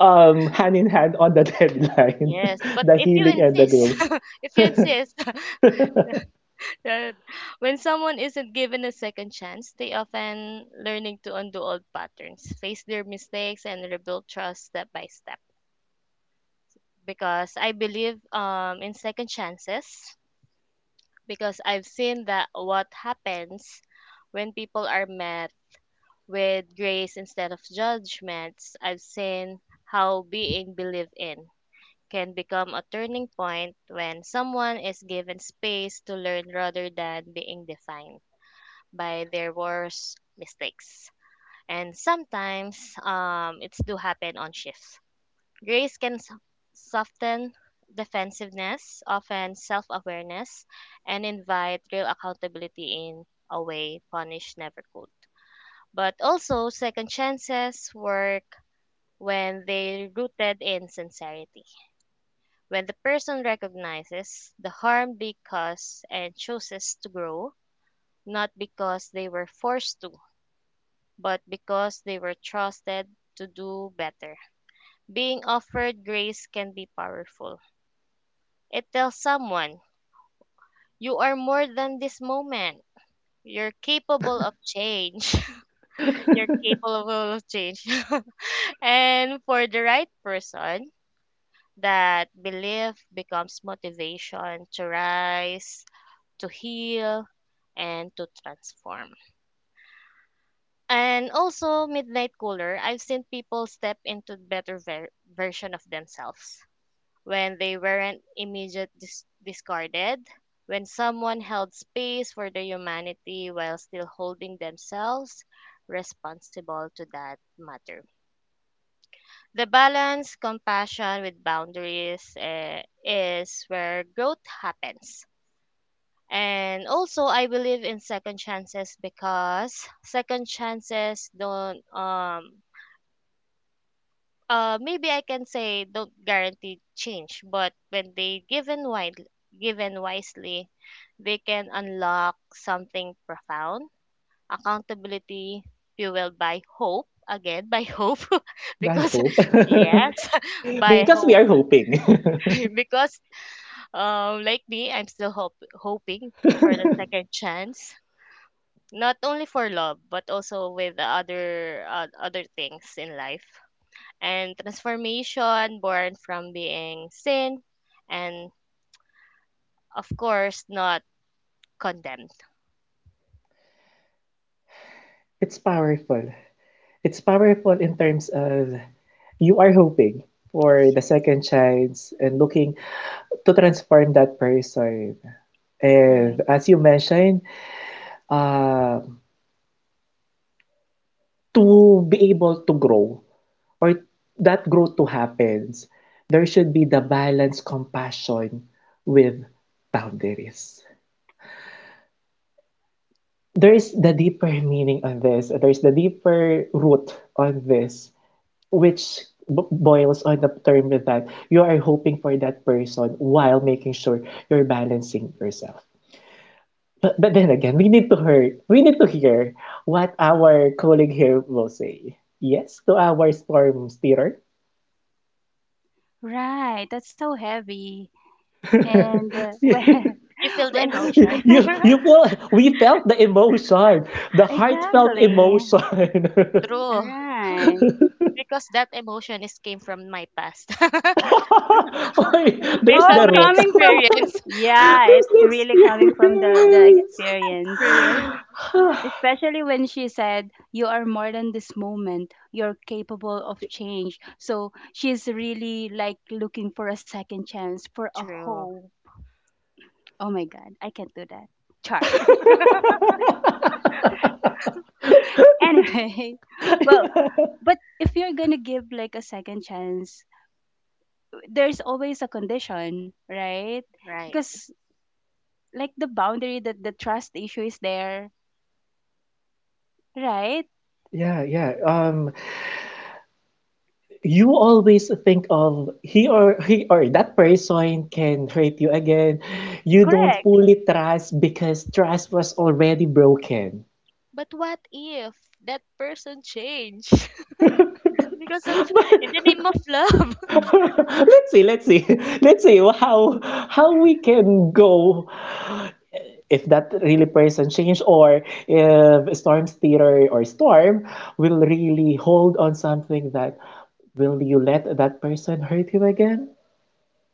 hand in hand on the deadline,
yes, but
the
if you
healing and the
insist,
growth.
if you insist. Right. When someone isn't given a second chance, they often learning to undo old patterns, face their mistakes, and rebuild trust step by step. Because I believe, in second chances, because I've seen that what happens when people are met with grace instead of judgments. I've seen how being believed in can become a turning point when someone is given space to learn rather than being defined by their worst mistakes. And sometimes, it's do happen on shifts. Grace can soften defensiveness, often self-awareness, and invite real accountability in a way punish never could. But also, second chances work when they rooted in sincerity. When the person recognizes the harm they cause and chooses to grow, not because they were forced to, but because they were trusted to do better. Being offered grace can be powerful. It tells someone, you are more than this moment. You're capable of change. You're capable of change. And for the right person, that belief becomes motivation to rise, to heal, and to transform. And also, Midnight Cooler, I've seen people step into better version of themselves when they weren't immediate discarded, when someone held space for their humanity while still holding themselves responsible to that matter. The balance, compassion with boundaries, eh, is where growth happens. And also, I believe in second chances, because second chances don't maybe I can say don't guarantee change, but when they given wide, given wisely, they can unlock something profound. Accountability fueled by hope, again by hope,
I
because
hope.
yes, by
Because we
hope,
are hoping.
because, like me, I'm still hoping for the second chance, not only for love, but also with the other other things in life, and transformation born from being seen, and of course not condemned.
It's powerful. It's powerful in terms of you are hoping for the second chance and looking to transform that person. And
Right.
as you mentioned, uh, to be able to grow or that growth to happens, there should be the balance compassion with boundaries. There is the deeper meaning on this. There is the deeper root on this, which boils on the term that you are hoping for that person while making sure you're balancing yourself. But, we need to hear, we need to hear what our colleague here will say. Yes, to our storm steerer.
Right. That's so heavy. And
You feel the
when
You
emotion.
you you feel, we felt the emotion, the heartfelt
Exactly.
emotion.
All
True.
right.
Because that emotion is came from my past.
Oy,
Based
there's
on
the
Oh,
my
root.
coming from
experience.
There's
yeah, it's
the
really coming from the
experience.
experience.
Experience.
Especially when she said, "You are more than this moment. You're capable of change." So she's really like looking for a second chance, for a
True.
hope. Oh my God, I can't do that. Char. Anyway, well, but if you're gonna give like a second chance, there's always a condition, right?
Right.
Because like the boundary, that the trust issue is there, right?
Yeah, yeah. You always think of he or that person can hurt you again. You don't
Correct.
fully trust because trust was already broken.
But what if that person changed because of, in the name of love?
Let's see let's see how we can go if that really person change, or if storm's theater or storm will really hold on something, that will you let that person hurt you again,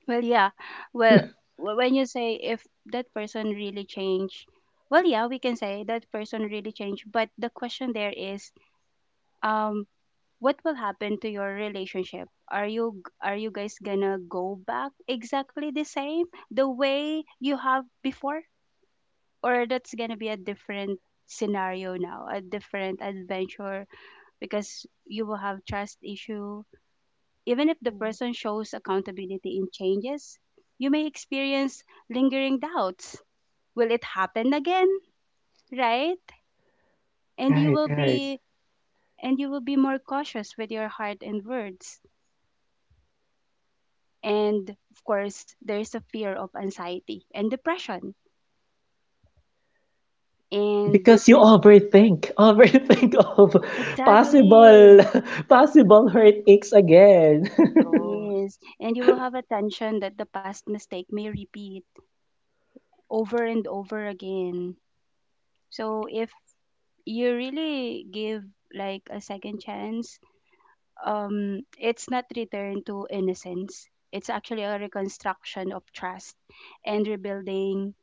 Well, yeah. Well, when you say if that person really changed, well, yeah, we can say that person really changed. But the question there is, um, what will happen to your relationship? Are you are you guys gonna go back exactly the same, the way you have before, or that's gonna be a different scenario now, a different adventure because you will have trust issue. Even if the
Mm,
person shows accountability in changes, you may experience lingering doubts. Will it happen again? Right? And you
right?
will
Right.
be and you will be more cautious with your heart and words. And of course, there's a fear of anxiety and depression. And
Because you overthink, overthink of possible
exactly.
possible hurt aches again.
true.
Yes. And you will have a tension that the past mistake may repeat over and over again. So if you really give like a second chance, it's not return to innocence. It's actually a reconstruction of trust, and rebuilding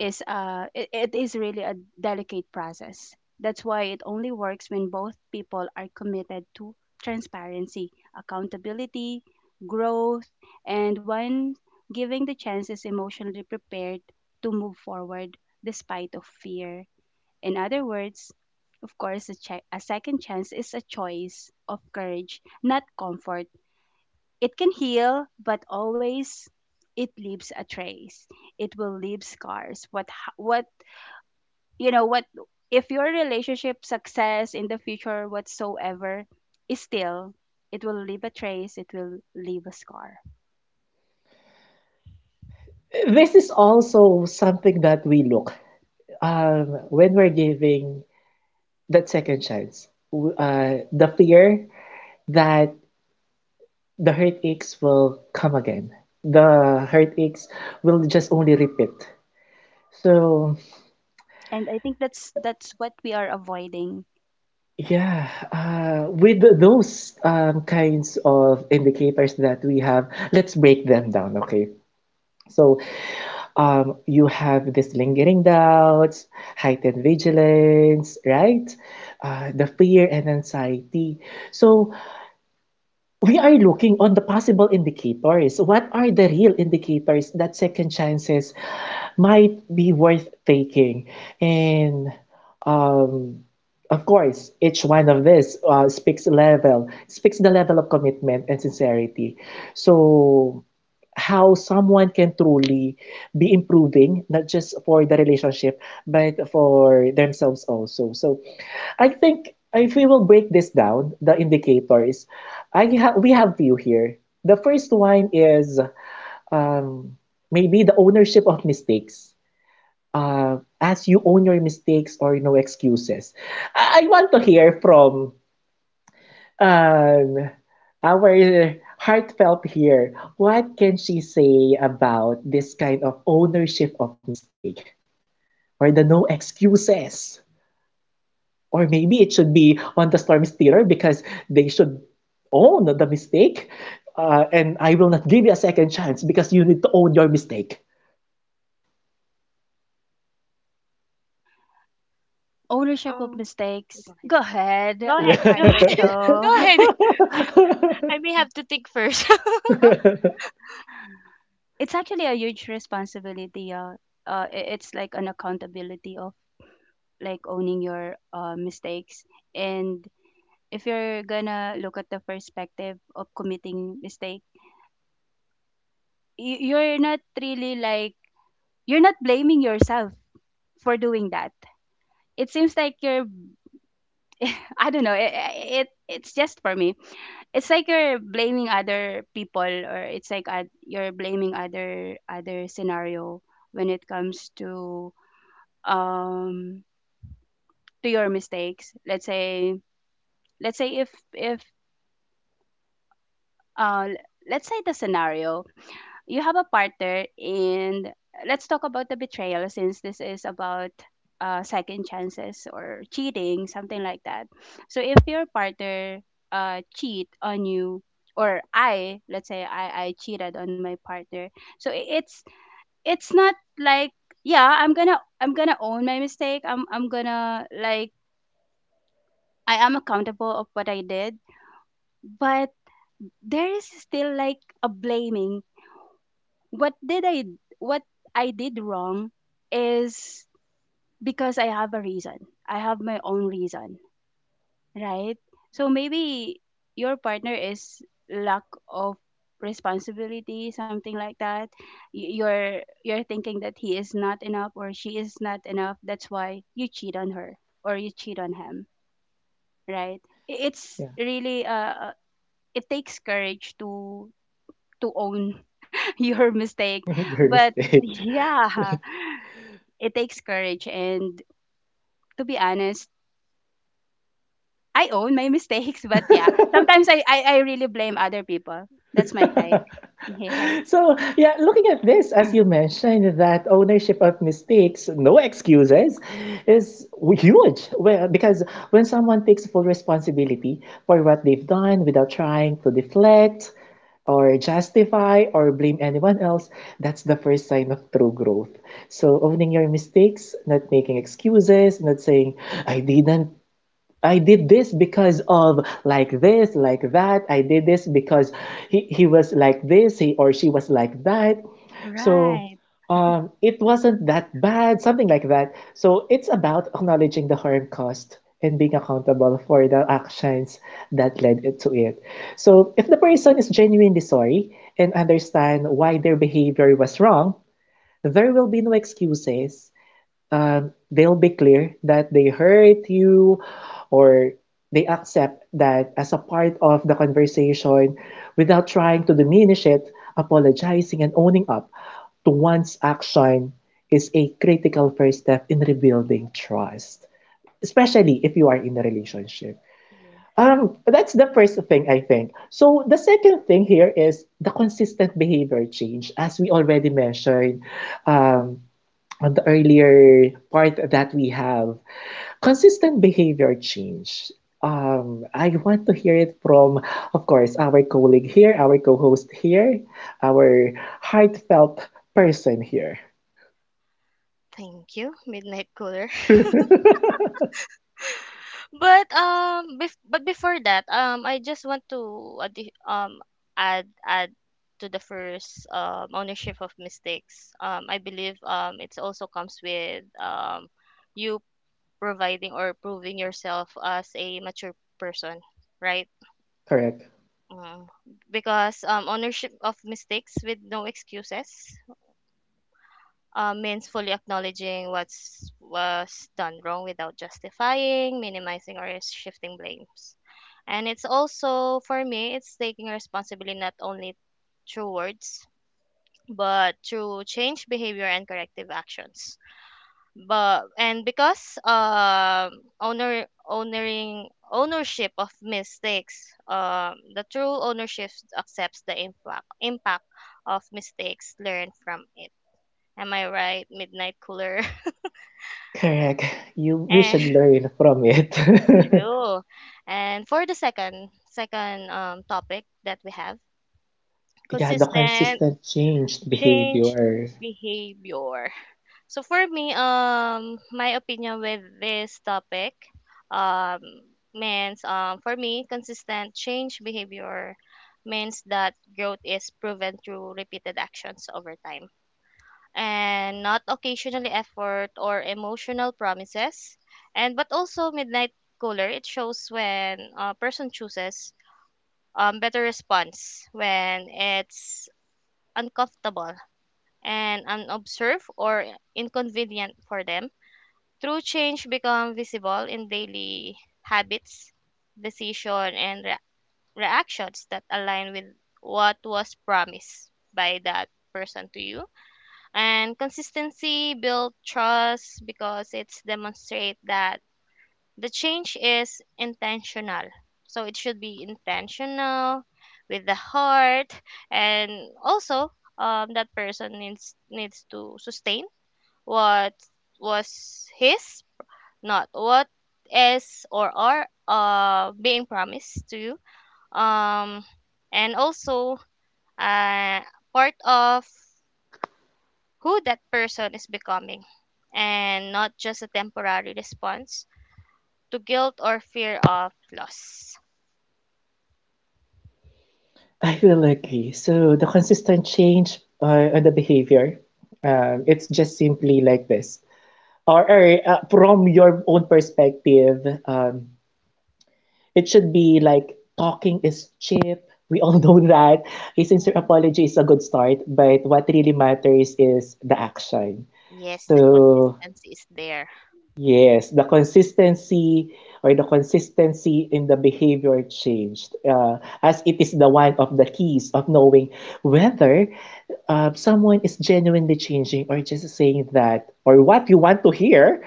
is it is really a delicate process. That's why it only works when both people are committed to transparency, accountability, growth, and when giving the chances emotionally prepared to move forward despite of fear. In other words, of course, a second chance is a choice of courage, not comfort. It can heal, but always it leaves a trace. It will leave scars. What ha- what you know what if your relationship success in the future whatsoever is still, it will leave a trace, it will leave a scar.
This is also something that we look, when we're giving that second chance, the fear that the heartaches will come again. The heartaches will just only repeat. So,
And I think that's what we are avoiding.
yeah, with those kinds of indicators that we have, let's break them down, okay? So, you have this lingering doubts, heightened vigilance, right? The fear and anxiety. So, we are looking on the possible indicators. What are the real indicators that second chances might be worth taking? And um, of course, each one of this speaks level, speaks the level of commitment and sincerity. So how someone can truly be improving, not just for the relationship, but for themselves also. So I think if we will break this down, the indicators, we have few here. The first one is um, maybe the ownership of mistakes. As you own your mistakes or no excuses. I want to hear from um, our heartfelt here. What can she say about this kind of ownership of mistake or the no excuses? Or maybe it should be on the storm steerer because they should own the mistake. And I will not give you a second chance because you need to own your mistake.
Ownership of
um,
mistakes.
Go ahead,
Go ahead,
go ahead go
heartful
ahead
Yeah.
Go
soul.
ahead. I may have to think first.
It's actually a huge responsibility, it's like an accountability of like owning your mistakes. And if you're gonna look at the perspective of committing mistake, you're not really like, you're not blaming yourself for doing that. It seems like you're I don't know, it it's just for me, it's like you're blaming other people, or it's like you're blaming other scenario when it comes um to your mistakes. Let's say, let's say if uh l- let's say the scenario: you have a partner, and let's talk about the betrayal since this is about second chances or cheating, something like that. So if your partner cheat on you, or I let's say I cheated on my partner, so it's not like, yeah, I'm gonna, own my mistake, I'm gonna like, I am accountable of what I did, but there is still like a blaming. What did I what I did wrong is because I have a reason. I have my own reason, right? So maybe your partner is lack of responsibility, something like that. You're thinking that he is not enough, or she is not enough. That's why you cheat on her, or you cheat on him, right? It's
Yeah,
really a, it takes courage to own your mistake.
your
But
mistake.
yeah, it takes courage and to be honest, I own my mistakes, but yeah, sometimes I really blame other people. That's my take. Yeah.
So, yeah, looking at this, as you mentioned, that ownership of mistakes, no excuses, is huge. Well, because when someone takes full responsibility for what they've done without trying to deflect or justify or blame anyone else, that's the first sign of true growth. So, owning your mistakes, not making excuses, not saying, I didn't, I did this because of like this, like that. I did this because he was like this, he or she was like that. So
Right.
it wasn't that bad, something like that. So it's about acknowledging the harm caused and being accountable for the actions that led it to it. So if the person is genuinely sorry and understand why their behavior was wrong, there will be no excuses, uh, they'll be clear that they hurt you or they accept that as a part of the conversation without trying to diminish it, apologizing and owning up to one's action is a critical first step in rebuilding trust, especially if you are in a relationship.
Yeah.
That's the first thing I think. So the second thing here is the consistent behavior change, as we already mentioned. Um, on the earlier part that we have consistent behavior change. I want to hear it from, of course, our colleague here, our co-host here, our heartfelt person here.
Thank you, Midnight Cooler. But, but before that, I just want to add to the first ownership of mistakes. I believe, it also comes with, you providing or proving yourself as a mature person, right?
Correct.
Mm. Because, ownership of mistakes with no excuses, means fully acknowledging what's was done wrong without justifying, minimizing, or shifting blames. And it's also for me, it's taking responsibility not only through words, but through change behavior and corrective actions. But and because, ownership of mistakes, the true ownership accepts the impact of mistakes, learned from it. Am I right, Midnight Cooler?
Correct. You we
And
should learn from it.
true. And for the second topic that we have,
Yeah, the
consistent
consistent changed
change
behavior.
behavior. So for me, my opinion with this topic, um means, for me consistent change behavior means that growth is proven through repeated actions over time, and not occasionally effort or emotional promises. And but also, Midnight Cooler, it shows when a person chooses, better response when it's uncomfortable and unobserved or inconvenient for them. True change become visible in daily habits, decision, and reactions that align with what was promised by that person to you. And consistency build trust, because it's demonstrate that the change is intentional. So it should be intentional with the heart. And also, that person needs to sustain what was his, not what is or are, being promised to you, um, and also, uh, part of who that person is becoming, and not just a temporary response to guilt or fear of loss.
I will agree. So the consistent change on the behavior, it's just simply like this. Or from your own perspective, um, it should be like talking is cheap. We all know that. A sincere
Mhm.
apology is a good start, but what really matters is the action.
Yes, the
So
consistency is there.
yes, the consistency or the consistency in the behavior changed, as it is the one of the keys of knowing whether someone is genuinely changing or just saying that or what you want to hear.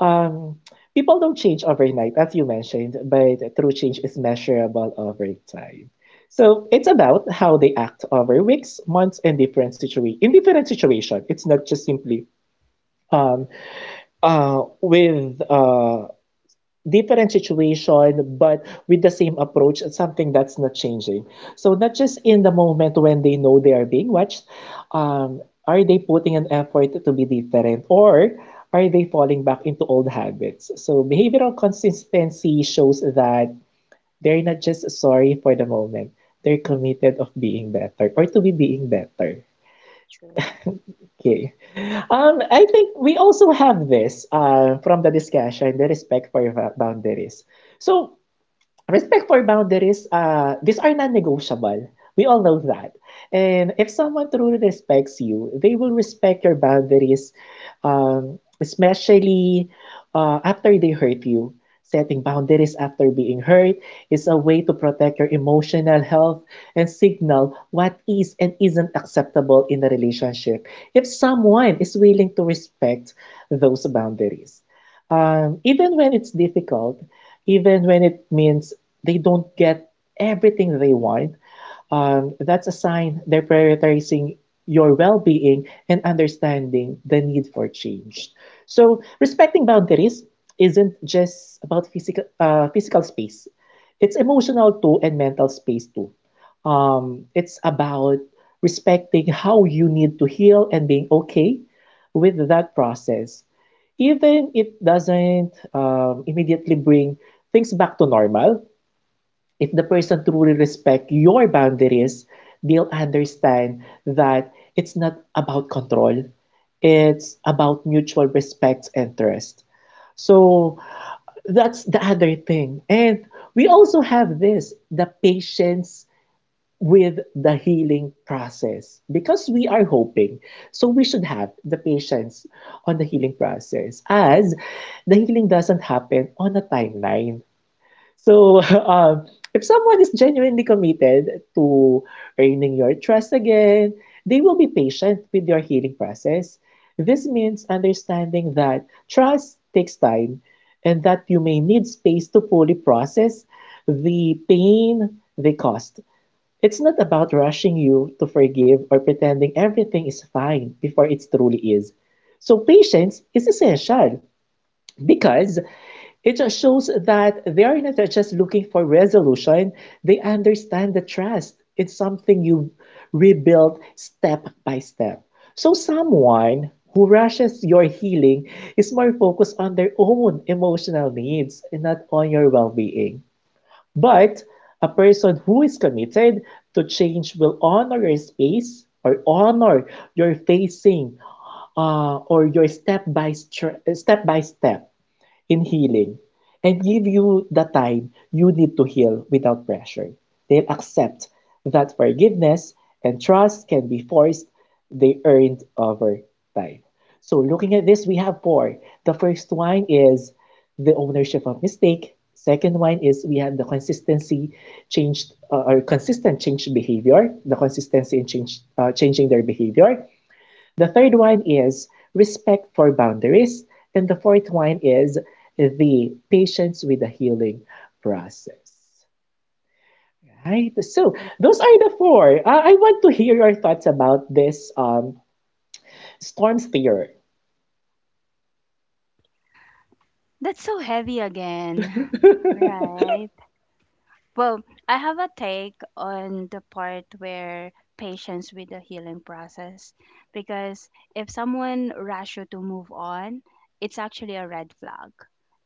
Um, people don't change overnight, as you mentioned, but true change is measurable over time. So it's about how they act over weeks, months, and in different situation. It's not just simply. Um with Different situation, but with the same approach, it's something that's not changing. So not just in the moment when they know they are being watched, um, are they putting an effort to be different, or are they falling back into old habits? So behavioral consistency shows that they're not just sorry for the moment; they're committed of being better or to be being better.
Mm.
Okay. I think we also have this from the discussion, the respect for boundaries. So respect for boundaries, these are non-negotiable. We all know that. And if someone truly respects you, they will respect your boundaries, especially after they hurt you. Setting boundaries after being hurt is a way to protect your emotional health and signal what is and isn't acceptable in a relationship. If someone is willing to respect those boundaries, even when it's difficult, even when it means they don't get everything they want, that's a sign they're prioritizing your well being and understanding the need for change. So, respecting boundaries isn't just about physical, physical space, it's emotional too and mental space too. It's about respecting how you need to heal and being okay with that process even if it doesn't immediately bring things back to normal, if the person truly respect your boundaries, they'll understand that it's not about control. It's about mutual respect and trust. So that's the other thing. And we also have this, the patience with the healing process because we are hoping. So we should have the patience on the healing process as the healing doesn't happen on a timeline. So, if someone is genuinely committed to earning your trust again, they will be patient with your healing process. This means understanding that trust takes time and that you may need space to fully process the pain they caused. It's not about rushing you to forgive or pretending everything is fine before it truly is. So, patience is essential because it shows that they're not just looking for resolution, they understand the trust. It's something you rebuild step by step. So, someone who rushes your healing is more focused on their own emotional needs and not on your well being. But a person who is committed to change will honor your space or honor your facing or your step by step by step in healing and give you the time you need to heal without pressure. They'll accept that forgiveness and trust can be forced, they earned over time. So, looking at this, we have four. The first one is the ownership of mistake. Second one is we have the consistency changed or consistent change behavior, the consistency in change, changing their behavior. The third one is respect for boundaries. And the fourth one is the patience with the healing process. Right? So those are the four. I want to hear your thoughts about this storm theory.
That's so heavy again. Right. Well, I have a take on the part where patience with the healing process, because if someone rush you to move on, it's actually a red flag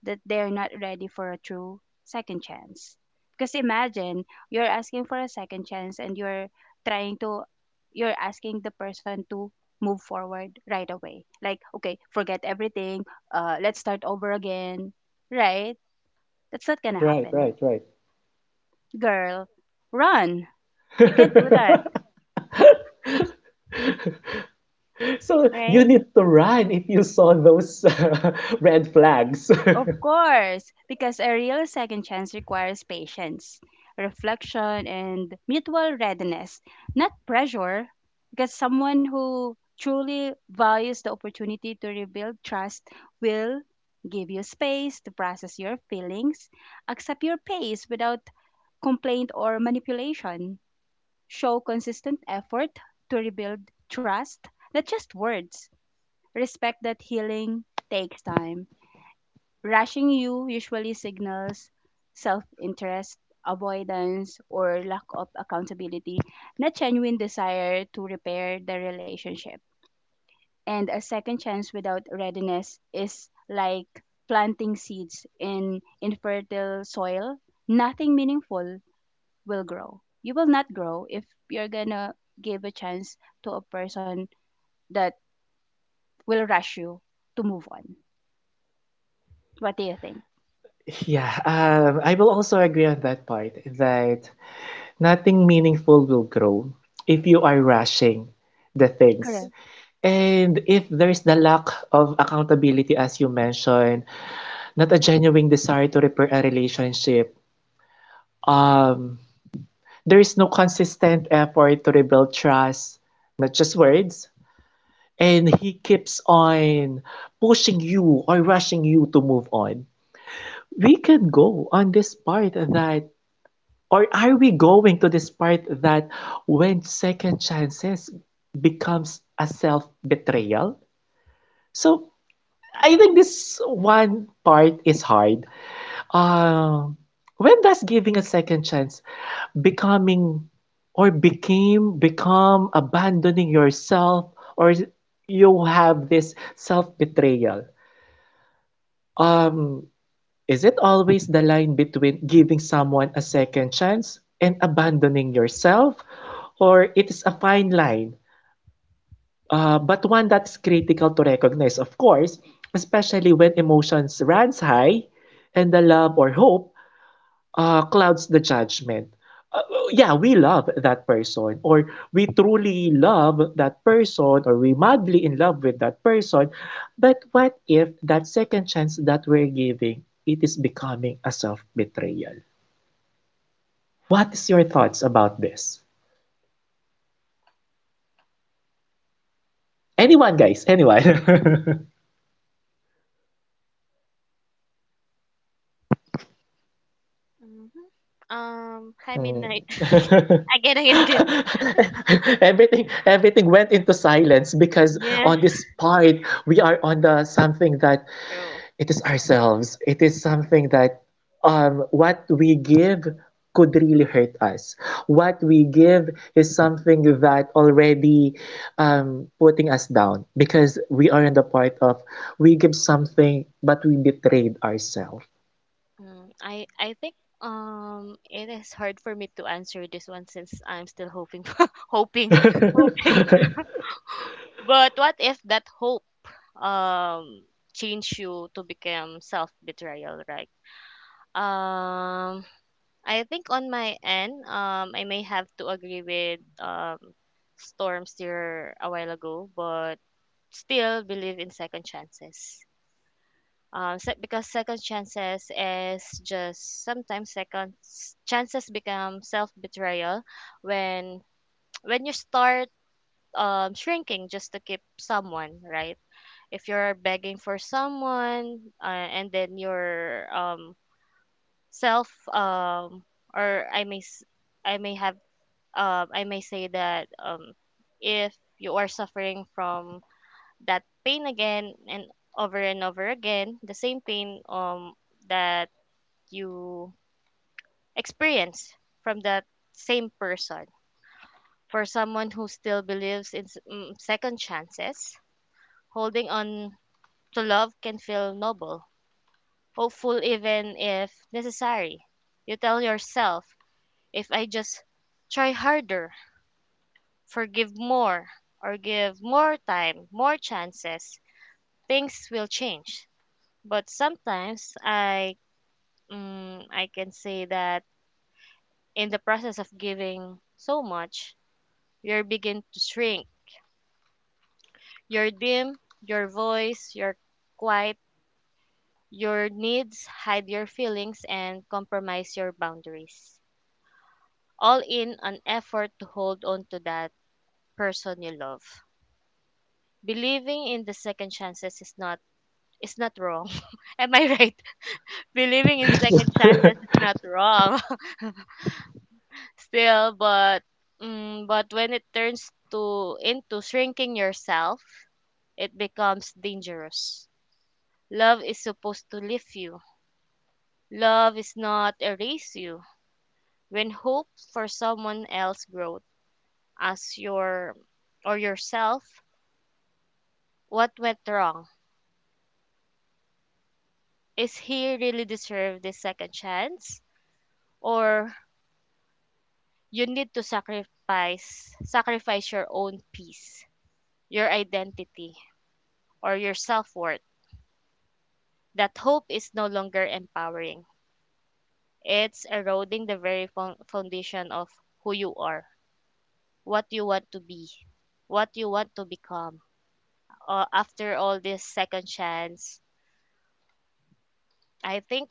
that they're not ready for a true second chance. Because imagine you're asking for a second chance and you're trying to, you're asking the person to move forward right away. Like, okay, forget everything, let's start over again, right? That's not going to
Right,
happen.
right, right.
Girl, run. You can't do that,
So
right?
you need to run if you saw those red flags.
Of course, because a real second chance requires patience, reflection, and mutual readiness, not pressure. Because someone who truly values the opportunity to rebuild trust will give you space to process your feelings, accept your pace without complaint or manipulation, show consistent effort to rebuild trust, not just words. Respect that healing takes time. Rushing you usually signals self interest, avoidance, or lack of accountability, not genuine desire to repair the relationship. And a second chance without readiness is like planting seeds in infertile soil. Nothing meaningful will grow. You will not grow if you're gonna give a chance to a person that will rush you to move on. What do you think?
Yeah, I will also agree on that part that nothing meaningful will grow if you are rushing the
Correct.
things. And if there is the lack of accountability, as you mentioned, not a genuine desire to repair a relationship, um, there is no consistent effort to rebuild trust, not just words. And he keeps on pushing you or rushing you to move on. We can go on this part that, or are we going to this part that when second chances becomes a self-betrayal? So I think this one part is hard. Um, when does giving a second chance becoming or became become abandoning yourself or you have this self-betrayal? Um, Is it always the line between giving someone a second chance and abandoning yourself? Or it is a fine line, but one that is critical to recognize, of course, especially when emotions runs high and the love or hope clouds the judgment. Yeah, we love that person, or we truly love that person, or we madly in love with that person. But what if that second chance that we're giving, it is becoming a self-betrayal? What is your thoughts about this? Anyone, guys, anyone.
Mhm.
Hmm.
Hi Midnight. Again, again, again.
Everything went into silence because
Yes,
on this part we are on the something that
true.
it is ourselves. It is something that what we give could really hurt us. What we give is something that already putting us down because we are in the part of we give something but we betrayed ourselves.
Mm, I think it is hard for me to answer this one, since I'm still hoping hoping hoping.
it,
But what if that hope um change you to become self betrayal, right? Um I think on my end, I may have to agree with, Storms here a while ago, but still believe in second chances. Because second chances is just sometimes chances become self betrayal when when you start, shrinking just to keep someone, right? If you're begging for someone, and then your, self, or I may s- I may have I may say that, if you are suffering from that pain again, and over again the same pain, that you experience from that same person. For someone who still believes in second chances, holding on to love can feel noble, hopeful, even if necessary. You tell yourself, if I just try harder, forgive more, or give more time, more chances, things will change. But sometimes, I can say that in the process of giving so much, you begin to shrink. Your dim, your voice, your quiet, your needs hide your feelings and compromise your boundaries, all in an effort to hold on to that person you love. Believing in the second chances is not wrong. Am I right? Believing in second chances is not wrong. Still, but, but when it turns to into shrinking yourself, it becomes dangerous. Love is supposed to lift you. Love is not erase you. When hope for someone else growth as your or yourself, what went wrong? Is he really deserve this second chance? Or you need to sacrifice your own peace, your identity, or your self worth. That hope is no longer empowering. It's eroding the very foundation of who you are, what you want to be, what you want to become, after all this second chance. I think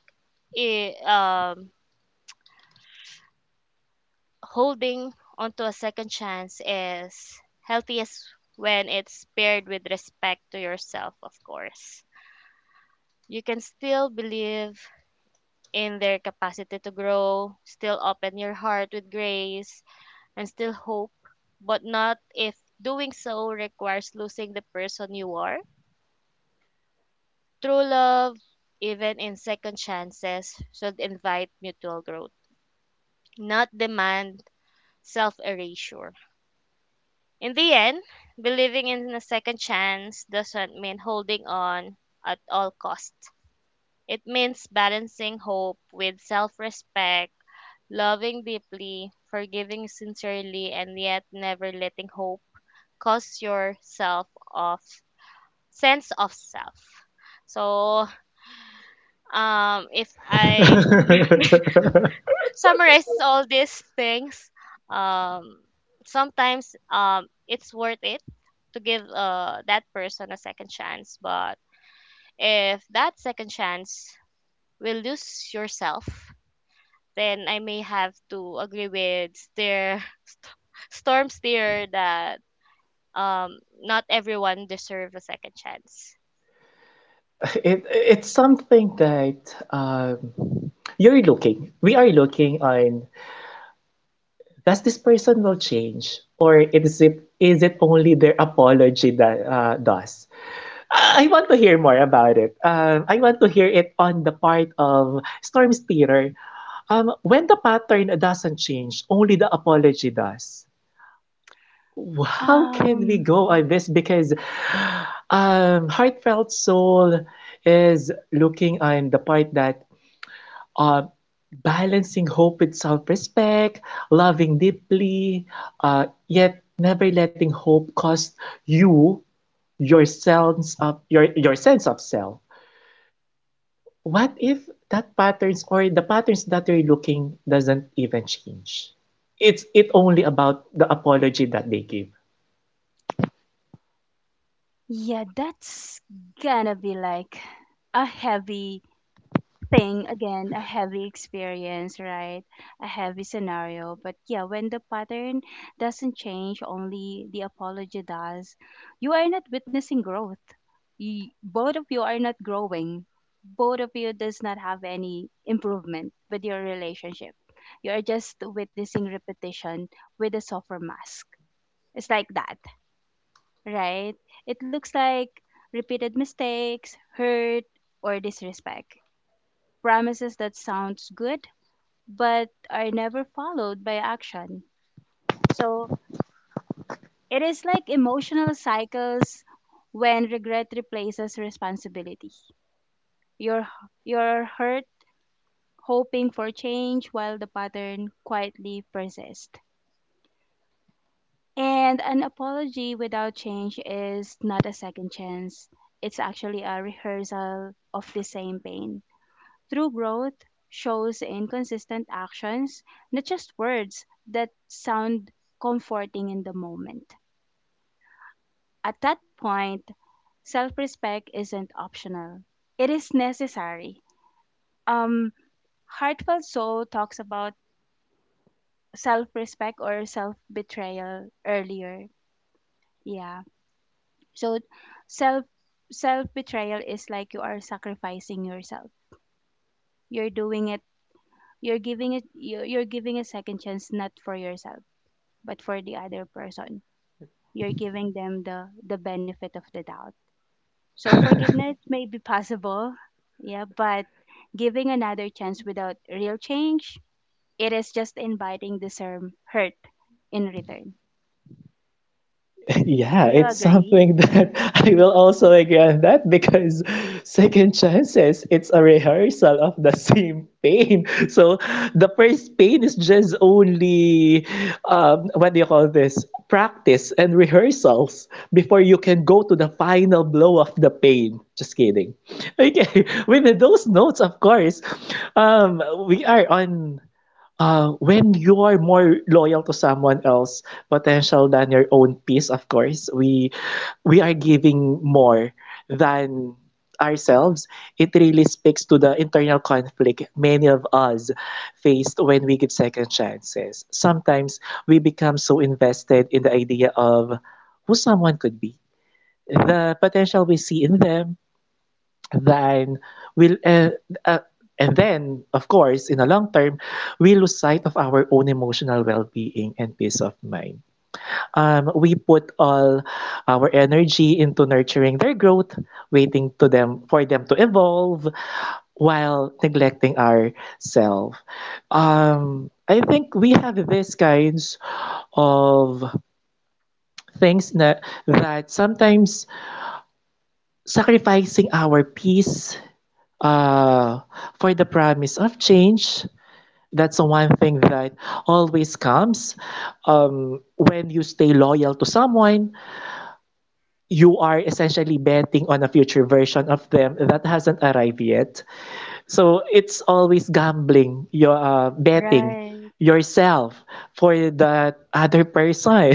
it, holding onto a second chance is healthiest when it's paired with respect to yourself, of course. You can still believe in their capacity to grow, still open your heart with grace, and still hope, but not if doing so requires losing the person you are. True love, even in second chances, should invite mutual growth, not demand self erasure. In the end, believing in a second chance doesn't mean holding on at all costs. It means balancing hope with self respect, loving deeply, forgiving sincerely, and yet never letting hope cause yourself of sense of self. So, if I summarizes all these things, um sometimes, it's worth it to give that person a second chance. But if that second chance will lose yourself, then I may have to agree with their storm steer, that not everyone deserves a second chance.
it's something that you're looking. We are looking on, does this person will change or is it, is it only their apology that does I want to hear more about it, I want to hear it on the part of storm theater, when the pattern doesn't change only the apology does, how can we
Um,
go on this because heartfelt soul is looking on the part that uh, balancing hope with self respect, loving deeply, yet never letting hope cost you your sense of self. What if that patterns or the patterns that you're looking doesn't even change? It's, it only about the apology that they give.
yeah, that's gonna be like a heavy thing again, a heavy experience, right? A heavy scenario. But yeah, when the pattern doesn't change, only the apology does, you are not witnessing growth. You, both of you are not growing. Both of you does not have any improvement with your relationship. You are just witnessing repetition with a softer mask. It's like that, right? It looks like repeated mistakes, hurt, or disrespect. Promises that sounds good but are never followed by action. So it is like emotional cycles when regret replaces responsibility. You're you're hurt, hoping for change while the pattern quietly persists. And an apology without change is not a second chance. It's actually a rehearsal of the same pain. True growth shows in consistent actions, not just words that sound comforting in the moment. At that point, self respect isn't optional, it is necessary. Um, Heartfelt Soul talks about self respect or self betrayal earlier. Yeah. So, self self betrayal is like you are sacrificing yourself. You're doing it. You're giving it. You're giving a second chance not for yourself but for the other person. You're giving them the benefit of the doubt, so forgiveness may be possible, yeah, but giving another chance without real change, it is just inviting the same hurt in return.
Yeah,
Do you
it's
agree?
something that I will also agree on that because second chances, it's a rehearsal of the same pain. So the first pain is just only what do you call this? Practice and rehearsals before you can go to the final blow of the pain. Just kidding. Okay, with those notes, of course, we are on when you are more loyal to someone else potential than your own peace, of course, we are giving more than ourselves. It really speaks to the internal conflict many of us faced when we give second chances. Sometimes we become so invested in the idea of who someone could be, the potential we see in them, then we'll uh, and then of course in the long term we lose sight of our own emotional well-being and peace of mind, we put all our energy into nurturing their growth waiting to them for them to evolve while neglecting ourselves I think we have these kinds of things na, that sometimes sacrificing our peace Uh, for the promise of change, that's the one thing that always comes. When you stay loyal to someone, you are essentially betting on a future version of them that hasn't arrived yet. So it's always gambling, you're betting
Right.
yourself for that other person.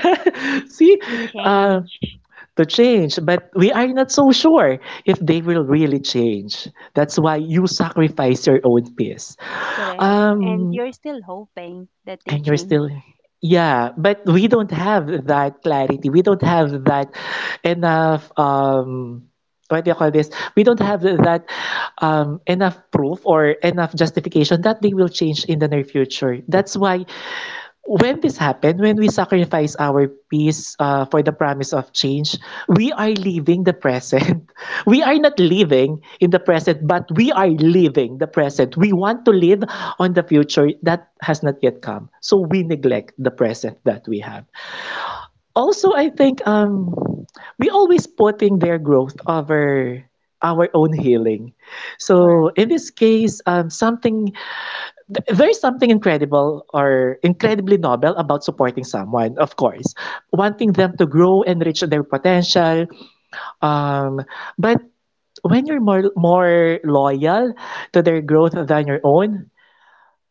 See,
To
uh,
change.
to change, but we are not so sure if they will really change. That's why you sacrifice your own peace.
Correct, and
Um,
you're still hoping that they
and you're still,
change.
yeah, but we don't have that clarity. We don't have that enough, what do you call this? We don't have that enough proof or enough justification that they will change in the near future. That's why when this happened, when we sacrifice our peace for the promise of change, we are leaving the present. We are not living in the present, but we are living the present. We want to live on the future that has not yet come. So we neglect the present that we have. Also, I think we always putting their growth over our own healing. So
Correct.
in this case, something there is something incredible or incredibly noble about supporting someone, of course, wanting them to grow and reach their potential. Um, but when you're more loyal to their growth than your own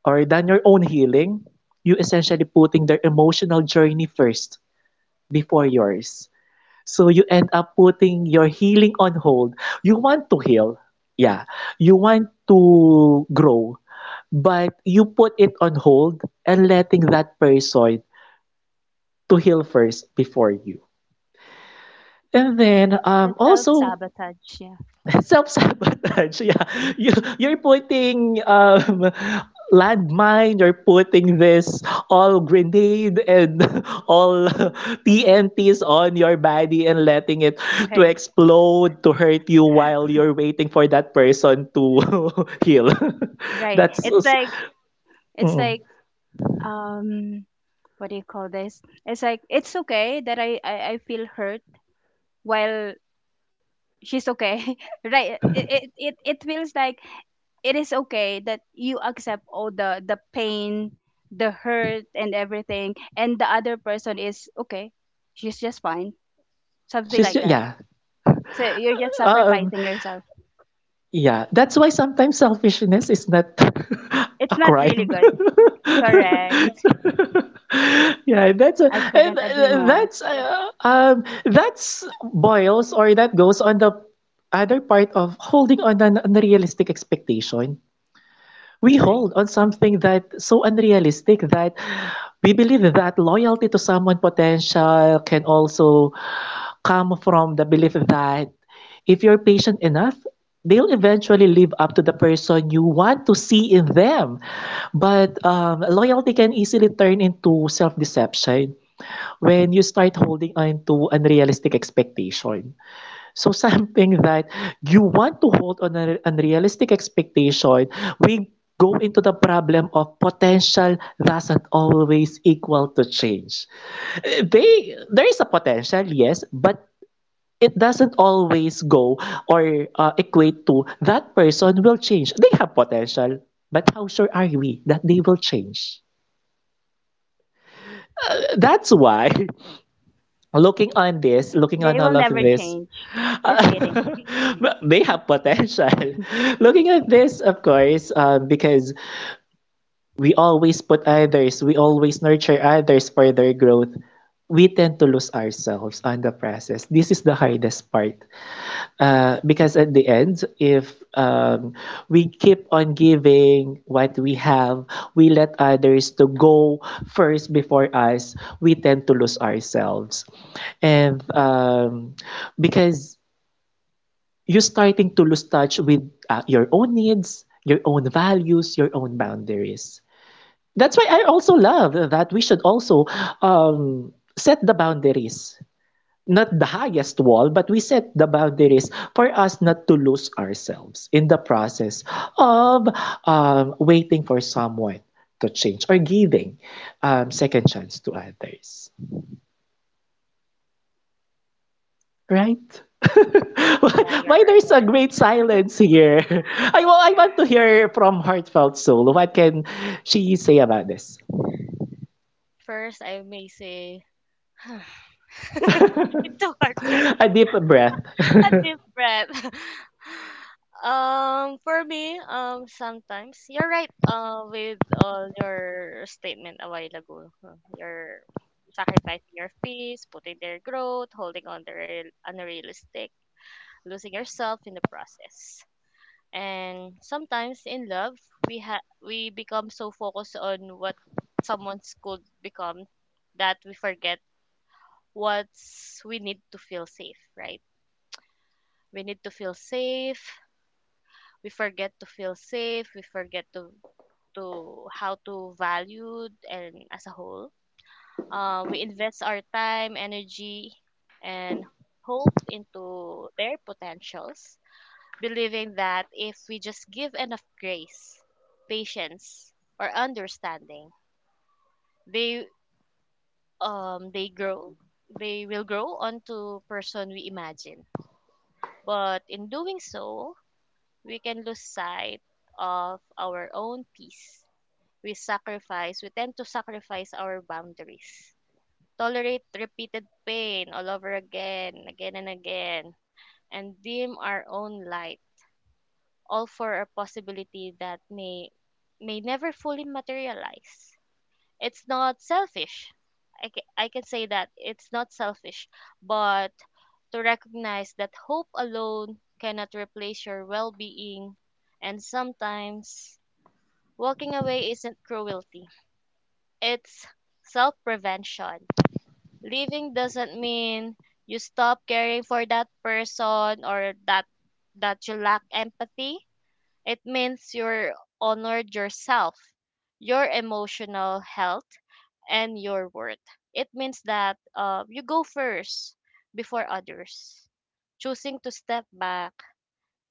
or than your own healing, you essentially putting their emotional journey first before yours. So you end up putting your healing on hold. You want to heal. Yeah. You want to grow but you put it on hold and letting that person to heal first before you. And then
The self
also
sabotage, yeah.
self sabotage. Yeah, you you're putting landmine. You're putting this all grenade and all TNTs on your body and letting it to
Right.
explode to hurt you while you're waiting for that person to heal.
Right.
That's
It's like, it's
mm,
like, um, what do you call this? It's like, it's okay that I feel hurt while she's okay, right? It it it feels like it is okay that you accept all the pain, the hurt, and everything, and the other person is okay. She's just fine, something like that.
yeah.
So you're just
Um,
sacrificing yourself.
Yeah, that's why sometimes selfishness is not
It's
a
not really
crime.
good.
So,
Correct.
yeah,
I couldn't agree more.
that's boils or that goes on the other part of holding on an unrealistic expectation. We
Right.
hold on something that so unrealistic that we believe that loyalty to someone potential can also come from the belief that if you're patient enough, they'll eventually live up to the person you want to see in them. But loyalty can easily turn into self-deception when you start holding on to unrealistic expectation. So something that you want to hold on a unrealistic expectation, we go into the problem of potential doesn't always equal to change. They There is a potential, yes, but it doesn't always go or equate to that person will change. They have potential, but how sure are we that they will change? That's why looking on this, looking
They
on
will
all of
never
this,
change. Just kidding.
Uh, but they have potential. Looking at this, of course, because we always put others, we always nurture others for their growth. We tend to lose ourselves on the process. This is the hardest part. Because at the end, if um, we keep on giving what we have, we let others to go first before us, we tend to lose ourselves. And Because you're starting to lose touch with your own needs, your own values, your own boundaries. That's why I also love that we should also um, set the boundaries. Not the highest wall, but we set the boundaries for us not to lose ourselves in the process of waiting for someone to change or giving second chance to others. Right? why,
Yeah, you're
why
right.
there's a great silence here? I want to hear from Heartfelt Soul. What can she say about this?
First, I may say, it's so hard.
A deep breath.
A deep breath. For me, sometimes you're right. With all your statement a while ago, huh, you're sacrificing your peace, putting their growth, holding on to real, unrealistic, losing yourself in the process. And sometimes in love, we become so focused on what someone's could become that we forget what's we need to feel safe, right? We need to feel safe. We forget to feel safe. We forget to how to value and as a whole. We invest our time energy and hope into their potentials, believing that if we just give enough grace, patience, or understanding, they they grow, they will grow onto person we imagine. But in doing so, we can lose sight of our own peace. We tend to sacrifice our boundaries, tolerate repeated pain all over again, again and again, and dim our own light, all for a possibility that may never fully materialize. It's not selfish. I can say that it's not selfish, but to recognize that hope alone cannot replace your well being. And sometimes walking away isn't cruelty. It's self prevention. Leaving doesn't mean you stop caring for that person or that you lack empathy. It means you're honored yourself, your emotional health, and your worth. It means that you go first before others. Choosing to step back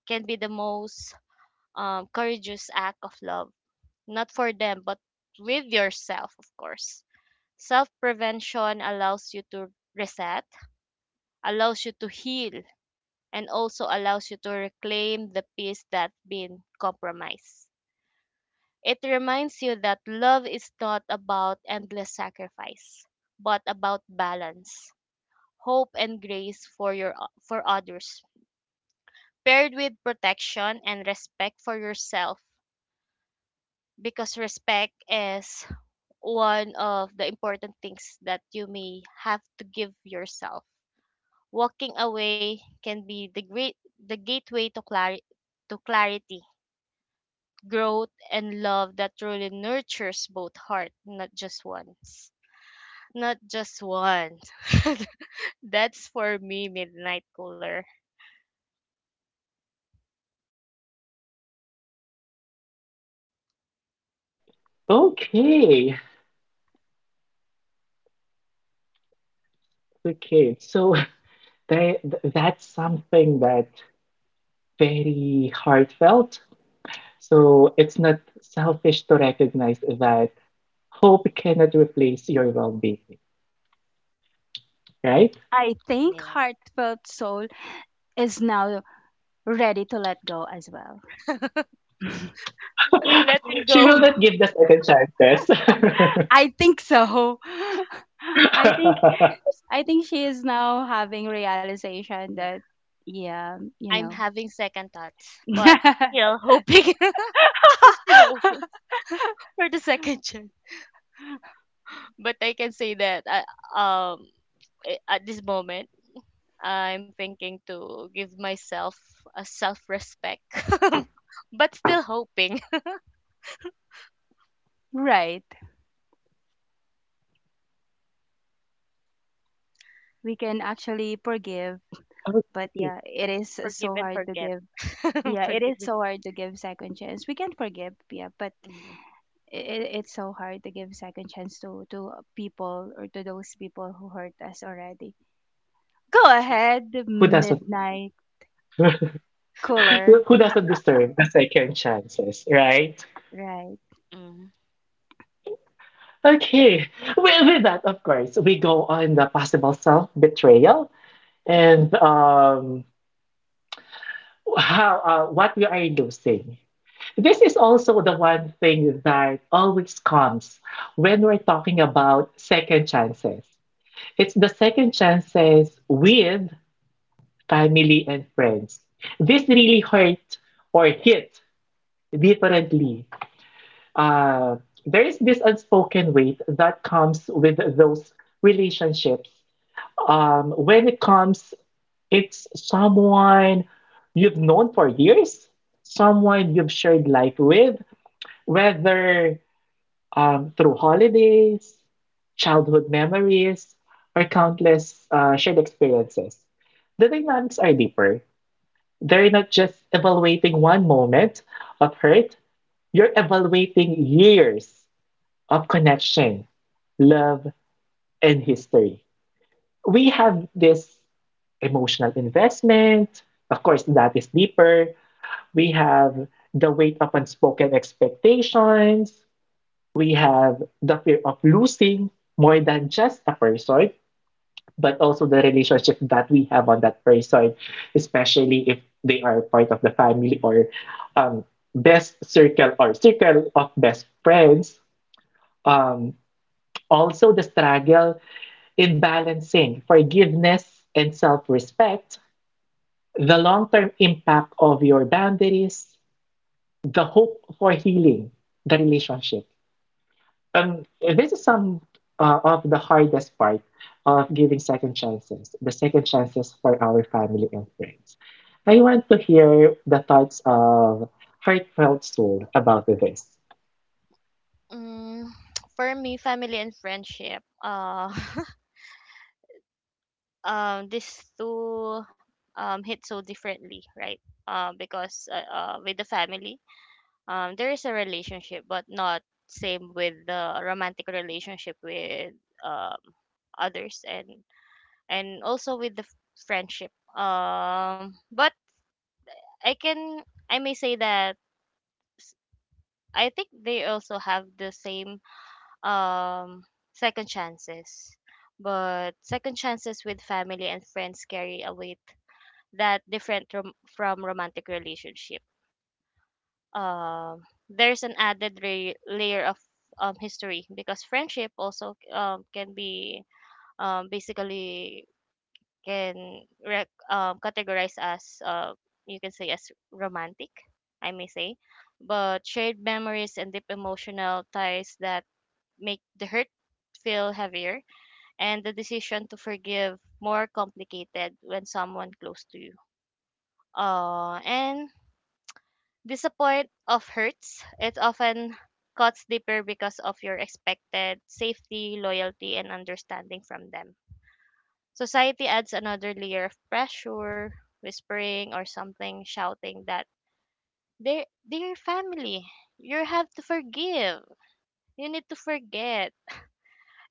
can be the most courageous act of love, not for them, but with yourself, of course. Self prevention allows you to reset, allows you to heal, and also allows you to reclaim the peace that's been compromised. It reminds you that love is not about endless sacrifice, but about balance, hope, and grace for, your, for others, paired with protection and respect for yourself. Because respect is one of the important things that you may have to give yourself. Walking away can be the gateway to clarity, to clarity, growth and love that truly nurtures both heart, not just one's. Not just one. That's for me, midnight cooler.
Okay, okay. So that's something that very heartfelt. So it's not selfish to recognize that hope cannot replace your well-being, right?
I think
Yeah.
Heartfelt Soul is now ready to let go as well.
She
Letting
will
go.
not give the second chances.
I think so. I think I think she is now having realization
Yeah.
that yeah, you
I'm
know.
having second thoughts, but still hoping, I'm still hoping for the second chance. But I can say that at this moment, I'm thinking to give myself a self respect, but still hoping.
Right. We can actually forgive,
Okay.
but yeah, it is
Forgive
so
and
hard to
forget.
give. Yeah, it
Forgive.
is
And-
so hard to give second chance. We can forgive, yeah, but
Mm,
it's so hard to give second chance to people or to those people who hurt us already. Go
true.
ahead,
Who doesn't
Midnight. Cooler.
who doesn't deserve the second chances, right?
Right.
Mm.
Okay. With that, of course, we go on the possible self-betrayal and how what we are losing. This is also the one thing that always comes when we're talking about second chances. It's the second chances with family and friends. This really hurt or hit differently. uh, there is this unspoken weight that comes with those relationships. When it comes, it's someone you've known for years, someone you've shared life with, whether through holidays, childhood memories, or countless shared experiences. The dynamics are deeper. They're not just evaluating one moment of hurt, you're evaluating years of connection, love, and history. We have this emotional investment. Of course, that is deeper. We have the weight of unspoken expectations. We have the fear of losing more than just a person, but also the relationship that we have on that person, especially if they are part of the family or um, best circle or circle of best friends. Um, Also, the struggle in balancing forgiveness and self respect, the long term impact of your boundaries, the hope for healing the relationship. Um, this is some of the hardest part of giving second chances, the second chances for our family and friends. I want to hear the thoughts of Heartfelt Soul about this.
Mm, for me, family and friendship. These two hit so differently, right? Because with the family, there is a relationship, but not same with the romantic relationship with um others and also with the friendship. But I can I may say that s- I think they also have the same um second chances. But second chances with family and friends carry a weight that different from romantic relationship. Um, there's an added layer of history, because friendship also can be basically can categorize as you can say as romantic, I may say, but shared memories and deep emotional ties that make the hurt feel heavier and the decision to forgive more complicated. When someone close to you and disappoint of hurts, it often cuts deeper because of your expected safety loyalty and understanding from them. Society adds another layer of pressure, whispering or something shouting that they're your family. You have to forgive. You need to forget.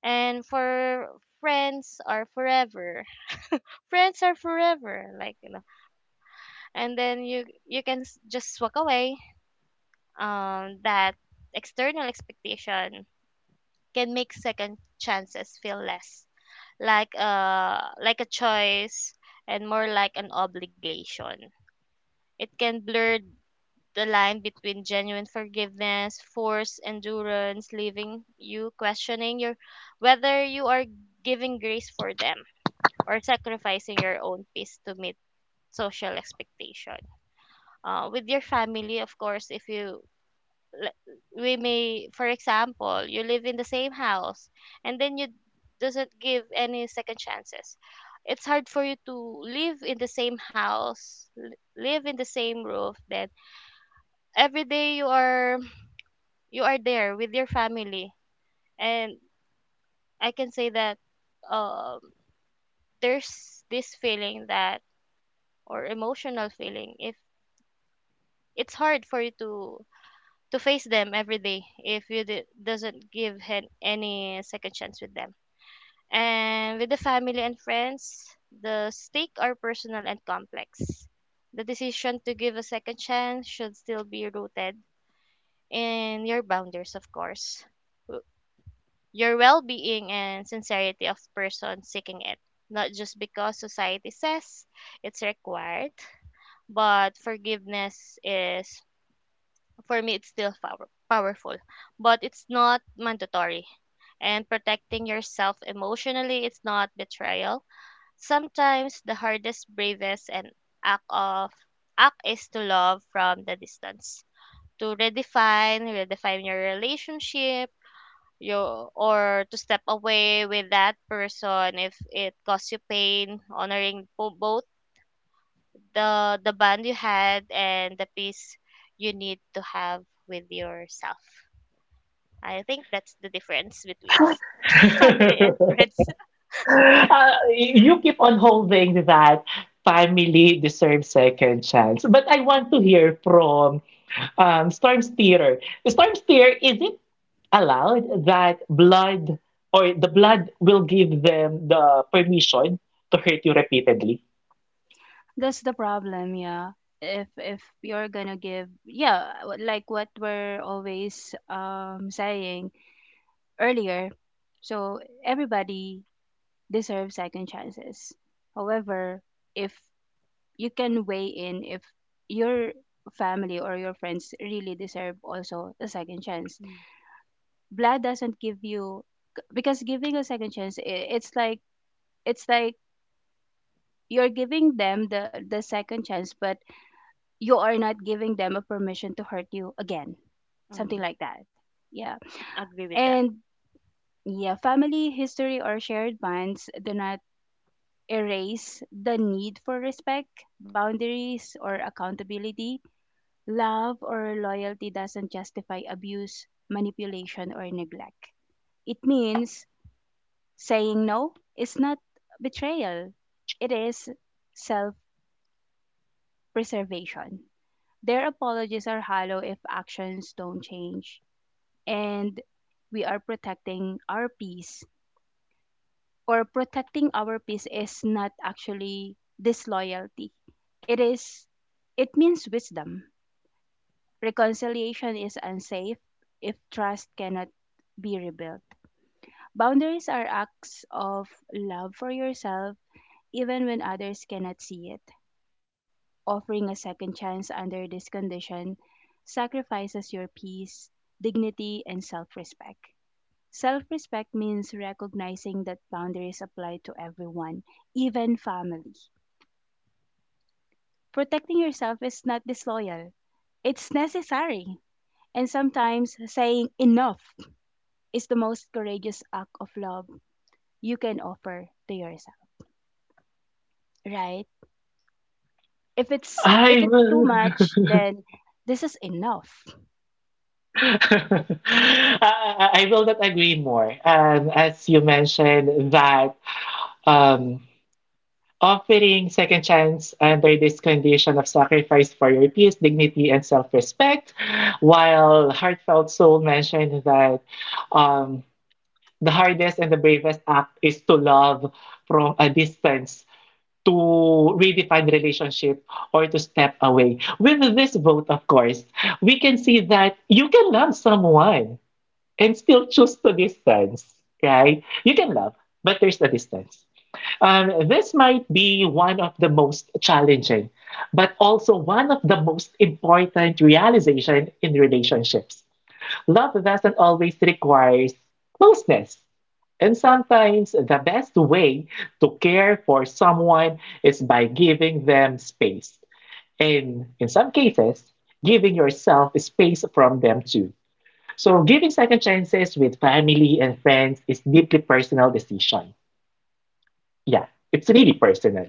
And for friends are forever. Friends are forever. Like you know. And then you can just walk away. That external expectation can make second chances feel less like a choice and more like an obligation. It can blur the line between genuine forgiveness, forced endurance, leaving you questioning your whether you are giving grace for them or sacrificing your own peace to meet social expectation. With your family, of course, if you le- we may, for example, you live in the same house and then you doesn't give any second chances. It's hard for you to live in the same house, live in the same roof, then every day you are there with your family, and I can say that um there's this feeling that or emotional feeling, if it's hard for you to face them every day if you doesn't give any second chance with them. And with the family and friends, the stake are personal and complex. The decision to give a second chance should still be rooted in your boundaries, of course, your well being and sincerity of person seeking it, not just because society says it's required. But forgiveness is, for me, it's still powerful, but it's not mandatory. And protecting yourself emotionally, it's not betrayal. Sometimes the hardest, bravest, and act of act is to love from the distance, to redefine your relationship you, or to step away with that person if it caused you pain, honoring both the bond you had and the peace you need to have with yourself. I think that's the difference between family and friends.
You keep on holding that family deserves second chance. But I want to hear from Storm Steer. Storm Steer, is it allowed that blood or the blood will give them the permission to hurt you repeatedly?
That's the problem, yeah. If you're gonna give, yeah, like what we're always saying earlier. So everybody deserves second chances. However, if you can weigh in if your family or your friends really deserve also a second chance,
Mm.
blood doesn't give you, because giving a second chance it's like, it's like you're giving them the second chance, but you are not giving them a permission to hurt you again, something
Mm.
like that. Yeah.
Agree with that.
And yeah, family history or shared bonds do not erase the need for respect, boundaries, or accountability. Love or loyalty doesn't justify abuse, manipulation, or neglect. It means saying no is not betrayal. It is self preservation. Their apologies are hollow if actions don't change. And we are protecting our peace, or protecting our peace is not actually disloyalty. It is it means wisdom. Reconciliation is unsafe if trust cannot be rebuilt. Boundaries are acts of love for yourself, even when others cannot see it. Offering a second chance under this condition sacrifices your peace, dignity, and self-respect. Self respect means recognizing that boundaries apply to everyone, even family. Protecting yourself is not disloyal, it's necessary. And sometimes saying enough is the most courageous act of love you can offer to yourself, right?
I
If it's too
will.
much, then this is enough.
I will not agree more. As you mentioned, that um, offering second chance under this condition of sacrifice for your peace, dignity, and self respect, while Heartfelt Soul mentioned that um, the hardest and the bravest act is to love from a distance. To redefine relationship or to step away. With this vote, of course, we can see that you can love someone and still choose to distance. Okay, you can love, but there's a distance. This might be one of the most challenging, but also one of the most important realization in relationships. Love doesn't always require closeness. And sometimes the best way to care for someone is by giving them space. And in some cases, giving yourself space from them too. So giving second chances with family and friends is deeply personal decision. Yeah, it's really personal.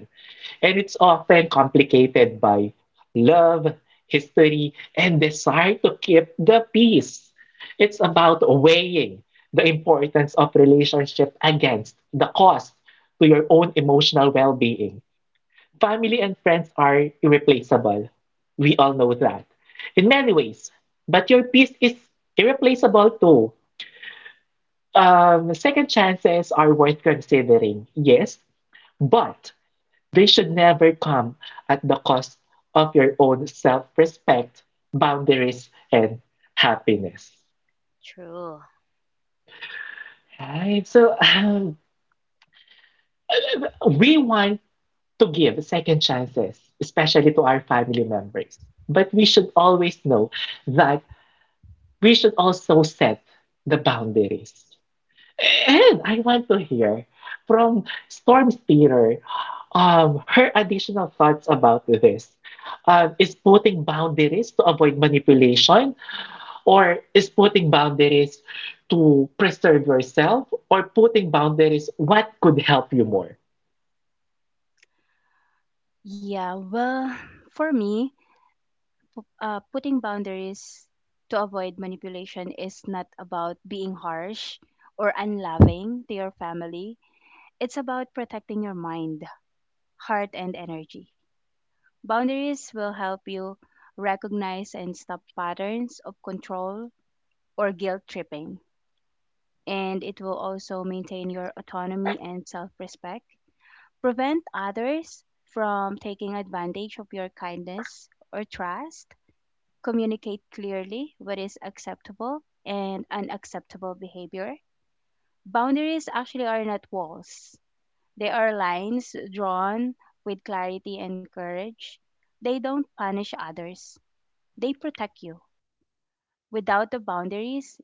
And it's often complicated by love, history, and desire to keep the peace. It's about weighing the importance of relationship against the cost to your own emotional well-being. Family and friends are irreplaceable. We all know that. In many ways, but your peace is irreplaceable too. Second chances are worth considering, yes, but they should never come at the cost of your own self respect, boundaries, and happiness.
True.
Right? So, we want to give second chances, especially to our family members, but we should always know that we should also set the boundaries. And I want to hear from Storm Spear her additional thoughts about this. Is putting boundaries to avoid manipulation, or is putting boundaries to preserve yourself, or putting boundaries what could help you more?
Yeah, well, for me, putting boundaries to avoid manipulation is not about being harsh or unloving to your family. It's about protecting your mind, heart, and energy. Boundaries will help you recognize and stop patterns of control or guilt tripping. And it will also maintain your autonomy and self respect, prevent others from taking advantage of your kindness or trust, communicate clearly what is acceptable and unacceptable behavior. Boundaries actually are not walls, they are lines drawn with clarity and courage. They don't punish others, they protect you. Without the boundaries,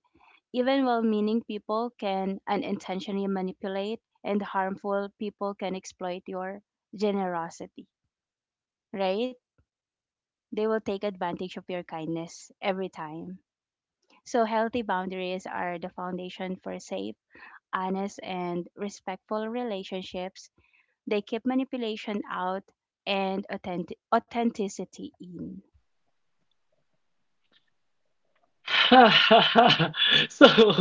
even well meaning people can unintentionally manipulate, and harmful people can exploit your generosity, right? They will take advantage of your kindness every time. So, healthy boundaries are the foundation for safe, honest, and respectful relationships. They keep manipulation out and authenticity in.
So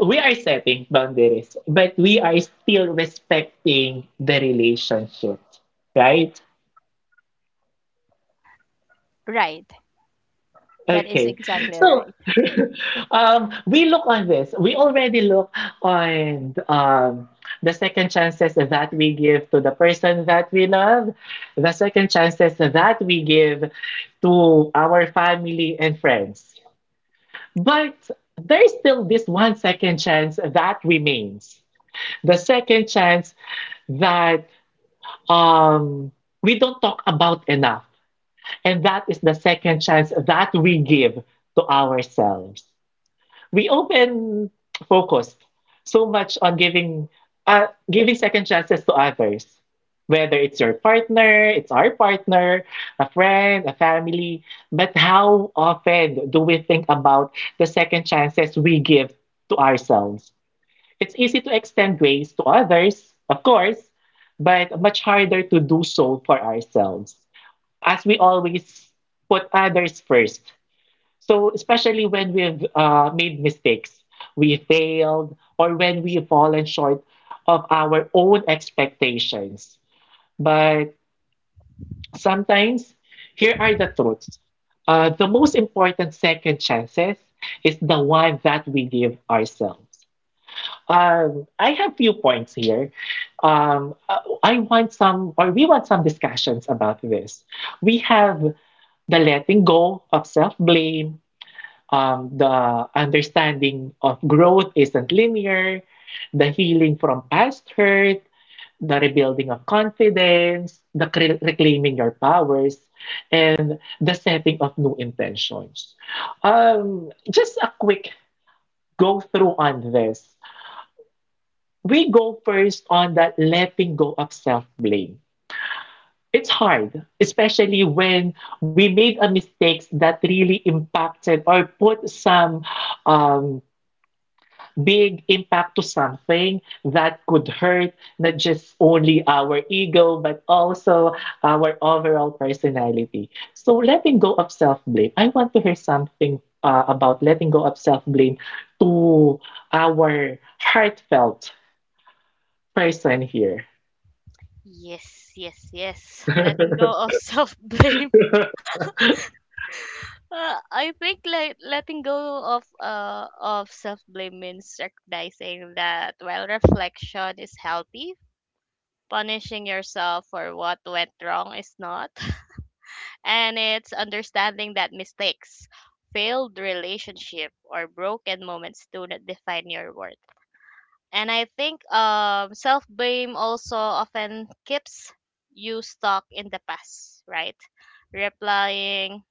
we are setting boundaries, but we are still respecting the relationship, right?
Right. That is
Okay,
exactly
so
right.
we look on this. We already look on the second chances that we give to the person that we love, the second chances that we give to our family and friends. But there is still this one second chance that remains. The second chance that um, we don't talk about enough. And that is the second chance that we give to ourselves. We often focus so much on giving giving second chances to others, whether it's your partner, it's our partner, a friend, a family. But how often do we think about the second chances we give to ourselves? It's easy to extend grace to others, of course, but much harder to do so for ourselves, as we always put others first. So, especially when we've made mistakes, we failed, or when we've fallen short of our own expectations. But sometimes, here are the truths. The most important second chances is the one that we give ourselves. I have few points here. Um, uh, I want some, or we want some discussions about this. We have the letting go of self blame, the understanding of growth isn't linear, the healing from past hurt, the rebuilding of confidence, the reclaiming your powers, and the setting of new intentions. Just a quick go through on this. We go first on that letting go of self blame. It's hard, especially when we made a mistakes that really impacted or put some um, big impact to something that could hurt not just only our ego but also our overall personality. So letting go of self-blame. I want to hear something about letting go of self-blame to our heartfelt person here.
Yes letting go of self blame. I think like letting go of self blame means recognizing that while reflection is healthy, punishing yourself for what went wrong is not. And it's understanding that mistakes, failed relationship, or broken moments do not define your worth. And I think self blame also often keeps you stuck in the past, right? Replying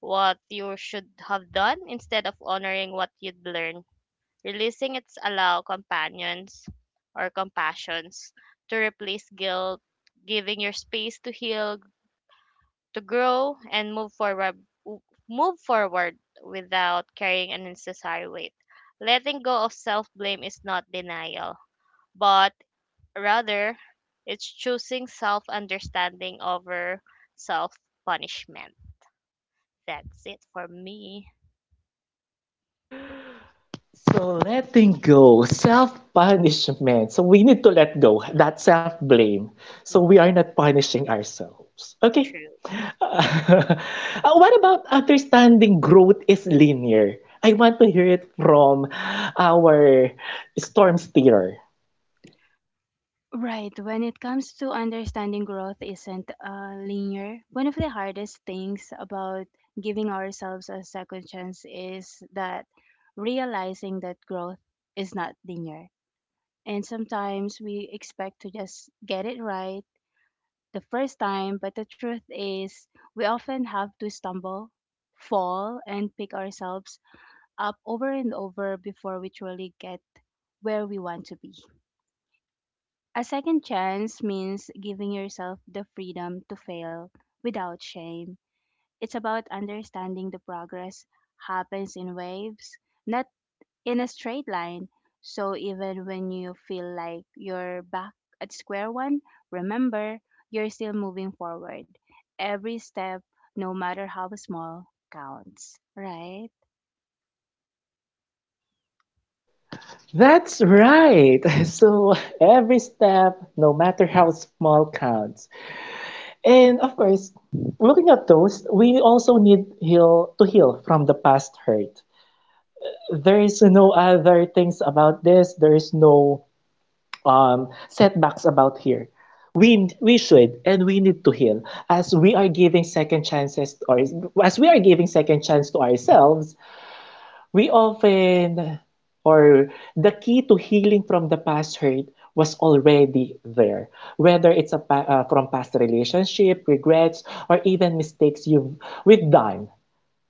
what you should have done instead of honoring what you'd learned. Releasing it's allow companions or compassions to replace guilt, giving your space to heal, to grow, and move forward without carrying an unnecessary weight. Letting go of self-blame is not denial, but rather it's choosing self-understanding over self-punishment. That's it for me.
So letting go, self-punishment. So we need to let go that self-blame. So we are not punishing ourselves. Okay.
True.
What about understanding growth is linear? I want to hear it from our storm steerer.
Right. When it comes to understanding growth isn't linear, one of the hardest things about giving ourselves a second chance is that realizing that growth is not linear. And sometimes we expect to just get it right the first time, but the truth is, we often have to stumble, fall, and pick ourselves up over and over before we truly get where we want to be. A second chance means giving yourself the freedom to fail without shame. It's about understanding the progress happens in waves, not in a straight line. So even when you feel like you're back at square one, remember, you're still moving forward. Every step, no matter how small, counts, right?
That's right. So every step, no matter how small, counts. And of course, looking at those, we also need heal to heal from the past hurt. There is no other things about this. There is no setbacks about here. We should and we need to heal as we are giving second chances or as we are giving second chance to ourselves. We often or the key to healing from the past hurt was already there. Whether it's a from past relationship, regrets, or even mistakes you've we've done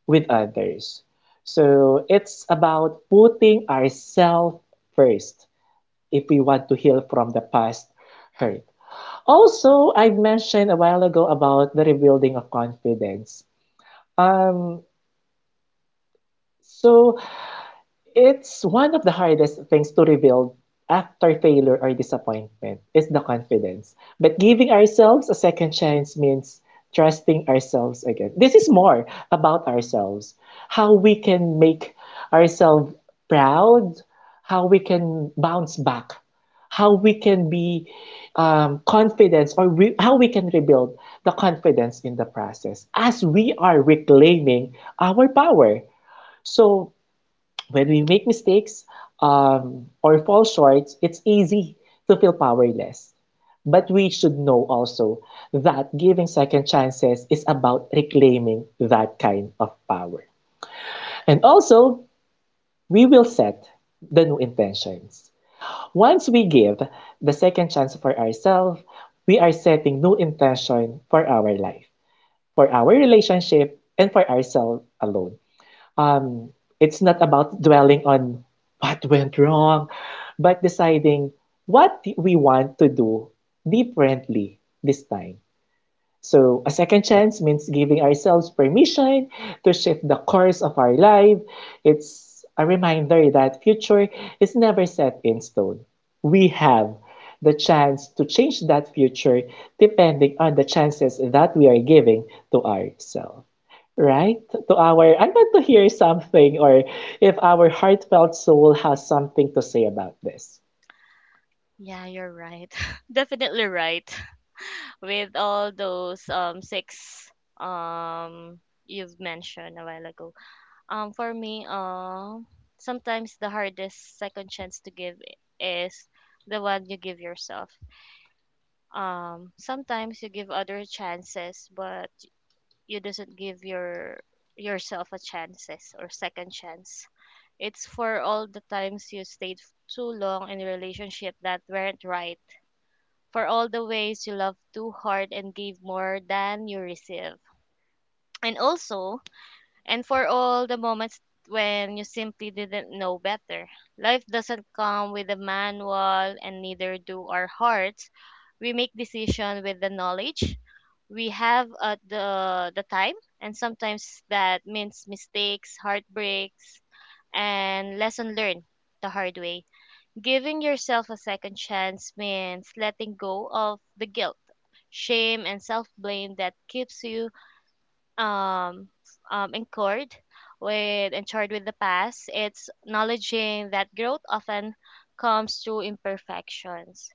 with others. So it's about putting ourselves first if we want to heal from the past hurt. Also, I mentioned a while ago about the rebuilding of confidence. Um, so it's one of the hardest things to rebuild after failure or disappointment is the confidence. But giving ourselves a second chance means trusting ourselves again. This is more about ourselves, how we can make ourselves proud, how we can bounce back, how we can be confidence or how we can rebuild the confidence in the process as we are reclaiming our power. So when we make mistakes or fall short, it's easy to feel powerless. But we should know also that giving second chances is about reclaiming that kind of power. And also, we will set the new intentions. Once we give the second chance for ourselves, we are setting new intention for our life, for our relationship, and for ourselves alone. um, it's not about dwelling on what went wrong, but deciding what we want to do differently this time. So, a second chance means giving ourselves permission to shift the course of our life. It's a reminder that future is never set in stone. We have the chance to change that future depending on the chances that we are giving to ourselves. Right? To our I want to hear something or if our Heartfelt Soul has something to say about this.
Yeah, you're right. Definitely right. With all those six um you've mentioned a while ago. For me, sometimes the hardest second chance to give is the one you give yourself. Sometimes you give other chances but you doesn't give your yourself a chances or second chance. It's for all the times you stayed too long in a relationship that weren't right, for all the ways you love too hard and gave more than you receive. And also, and for all the moments when you simply didn't know better. Life doesn't come with a manual, and neither do our hearts. We make decisions with the knowledge we have at the time, and sometimes that means mistakes, heartbreaks, and lesson learned the hard way. Giving yourself a second chance means letting go of the guilt shame and self-blame that keeps you um, anchored with and charged with the past. It's acknowledging that growth often comes through imperfections,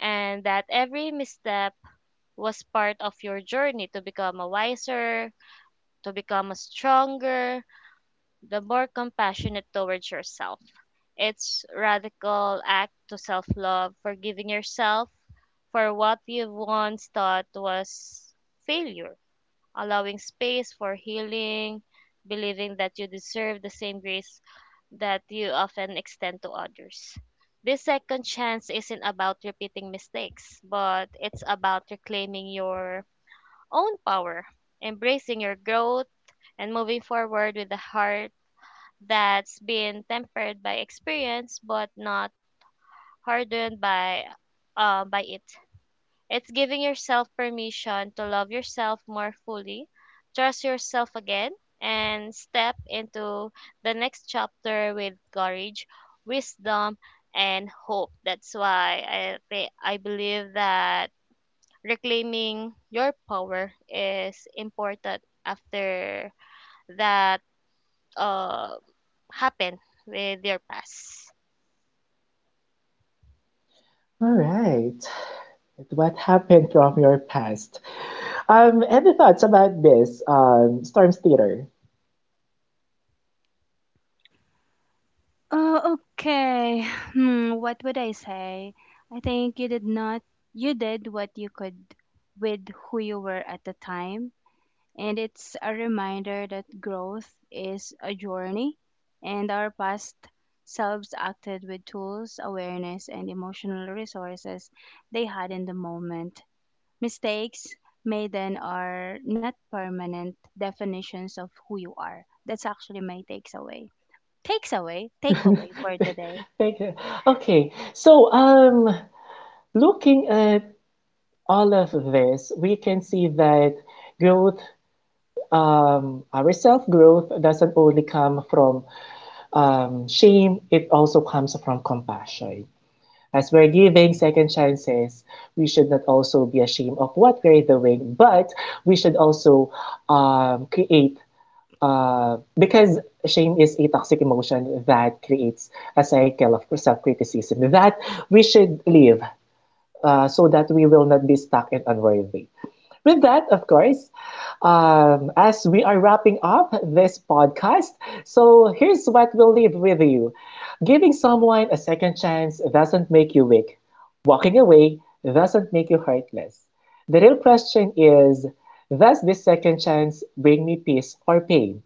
and that every misstep was part of your journey to become a wiser, to become a stronger, the more compassionate towards yourself. It's radical act to self-love, forgiving yourself for what you once thought was failure, allowing space for healing, believing that you deserve the same grace that you often extend to others. This second chance isn't about repeating mistakes, but it's about reclaiming your own power, embracing your growth, and moving forward with a heart that's been tempered by experience but not hardened by it. It's giving yourself permission to love yourself more fully, trust yourself again, and step into the next chapter with courage, wisdom, and hope. That's why I believe that reclaiming your power is important after that uh happened with your past.
All right. What happened from your past? Any thoughts about this, Storm's Theater?
Oh, okay. Hmm, what would I say? I think you did not, you did what you could with who you were at the time, and it's a reminder that growth is a journey, and our past selves acted with tools, awareness, and emotional resources they had in the moment. Mistakes made then are not permanent definitions of who you are. That's actually my takes away. Takes away, takeaway for today.
Thank you. Okay, so looking at all of this, we can see that growth, our self-growth doesn't only come from shame, it also comes from compassion. As we're giving second chances, we should not also be ashamed of what we're doing, but we should also create. Because shame is a toxic emotion that creates a cycle of self-criticism that we should leave so that we will not be stuck and unworthy. With that, of course, as we are wrapping up this podcast, so here's what we'll leave with you. Giving someone a second chance doesn't make you weak. Walking away doesn't make you heartless. The real question is, does this second chance bring me peace or pain?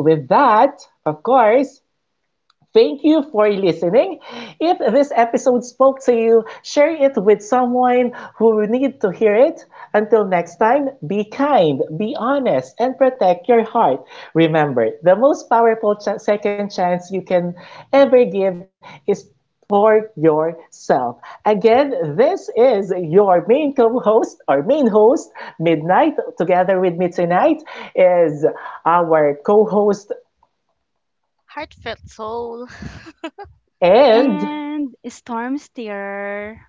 With that, of course, thank you for listening. If this episode spoke to you, share it with someone who will need to hear it. Until next time, be kind, be honest, and protect your heart. Remember, the most powerful second chance you can ever give is for yourself. Again, this is your main co-host or main host, Midnight. Together with me tonight is our co-host.
Heartfelt soul.
And
And storm steer.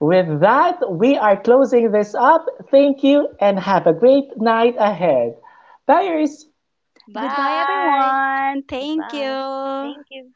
with that, we are closing this up. Thank you and have a great night ahead. Buyers,
Goodbye,
Bye.
everyone. Thank
Bye.
you.
Thank you.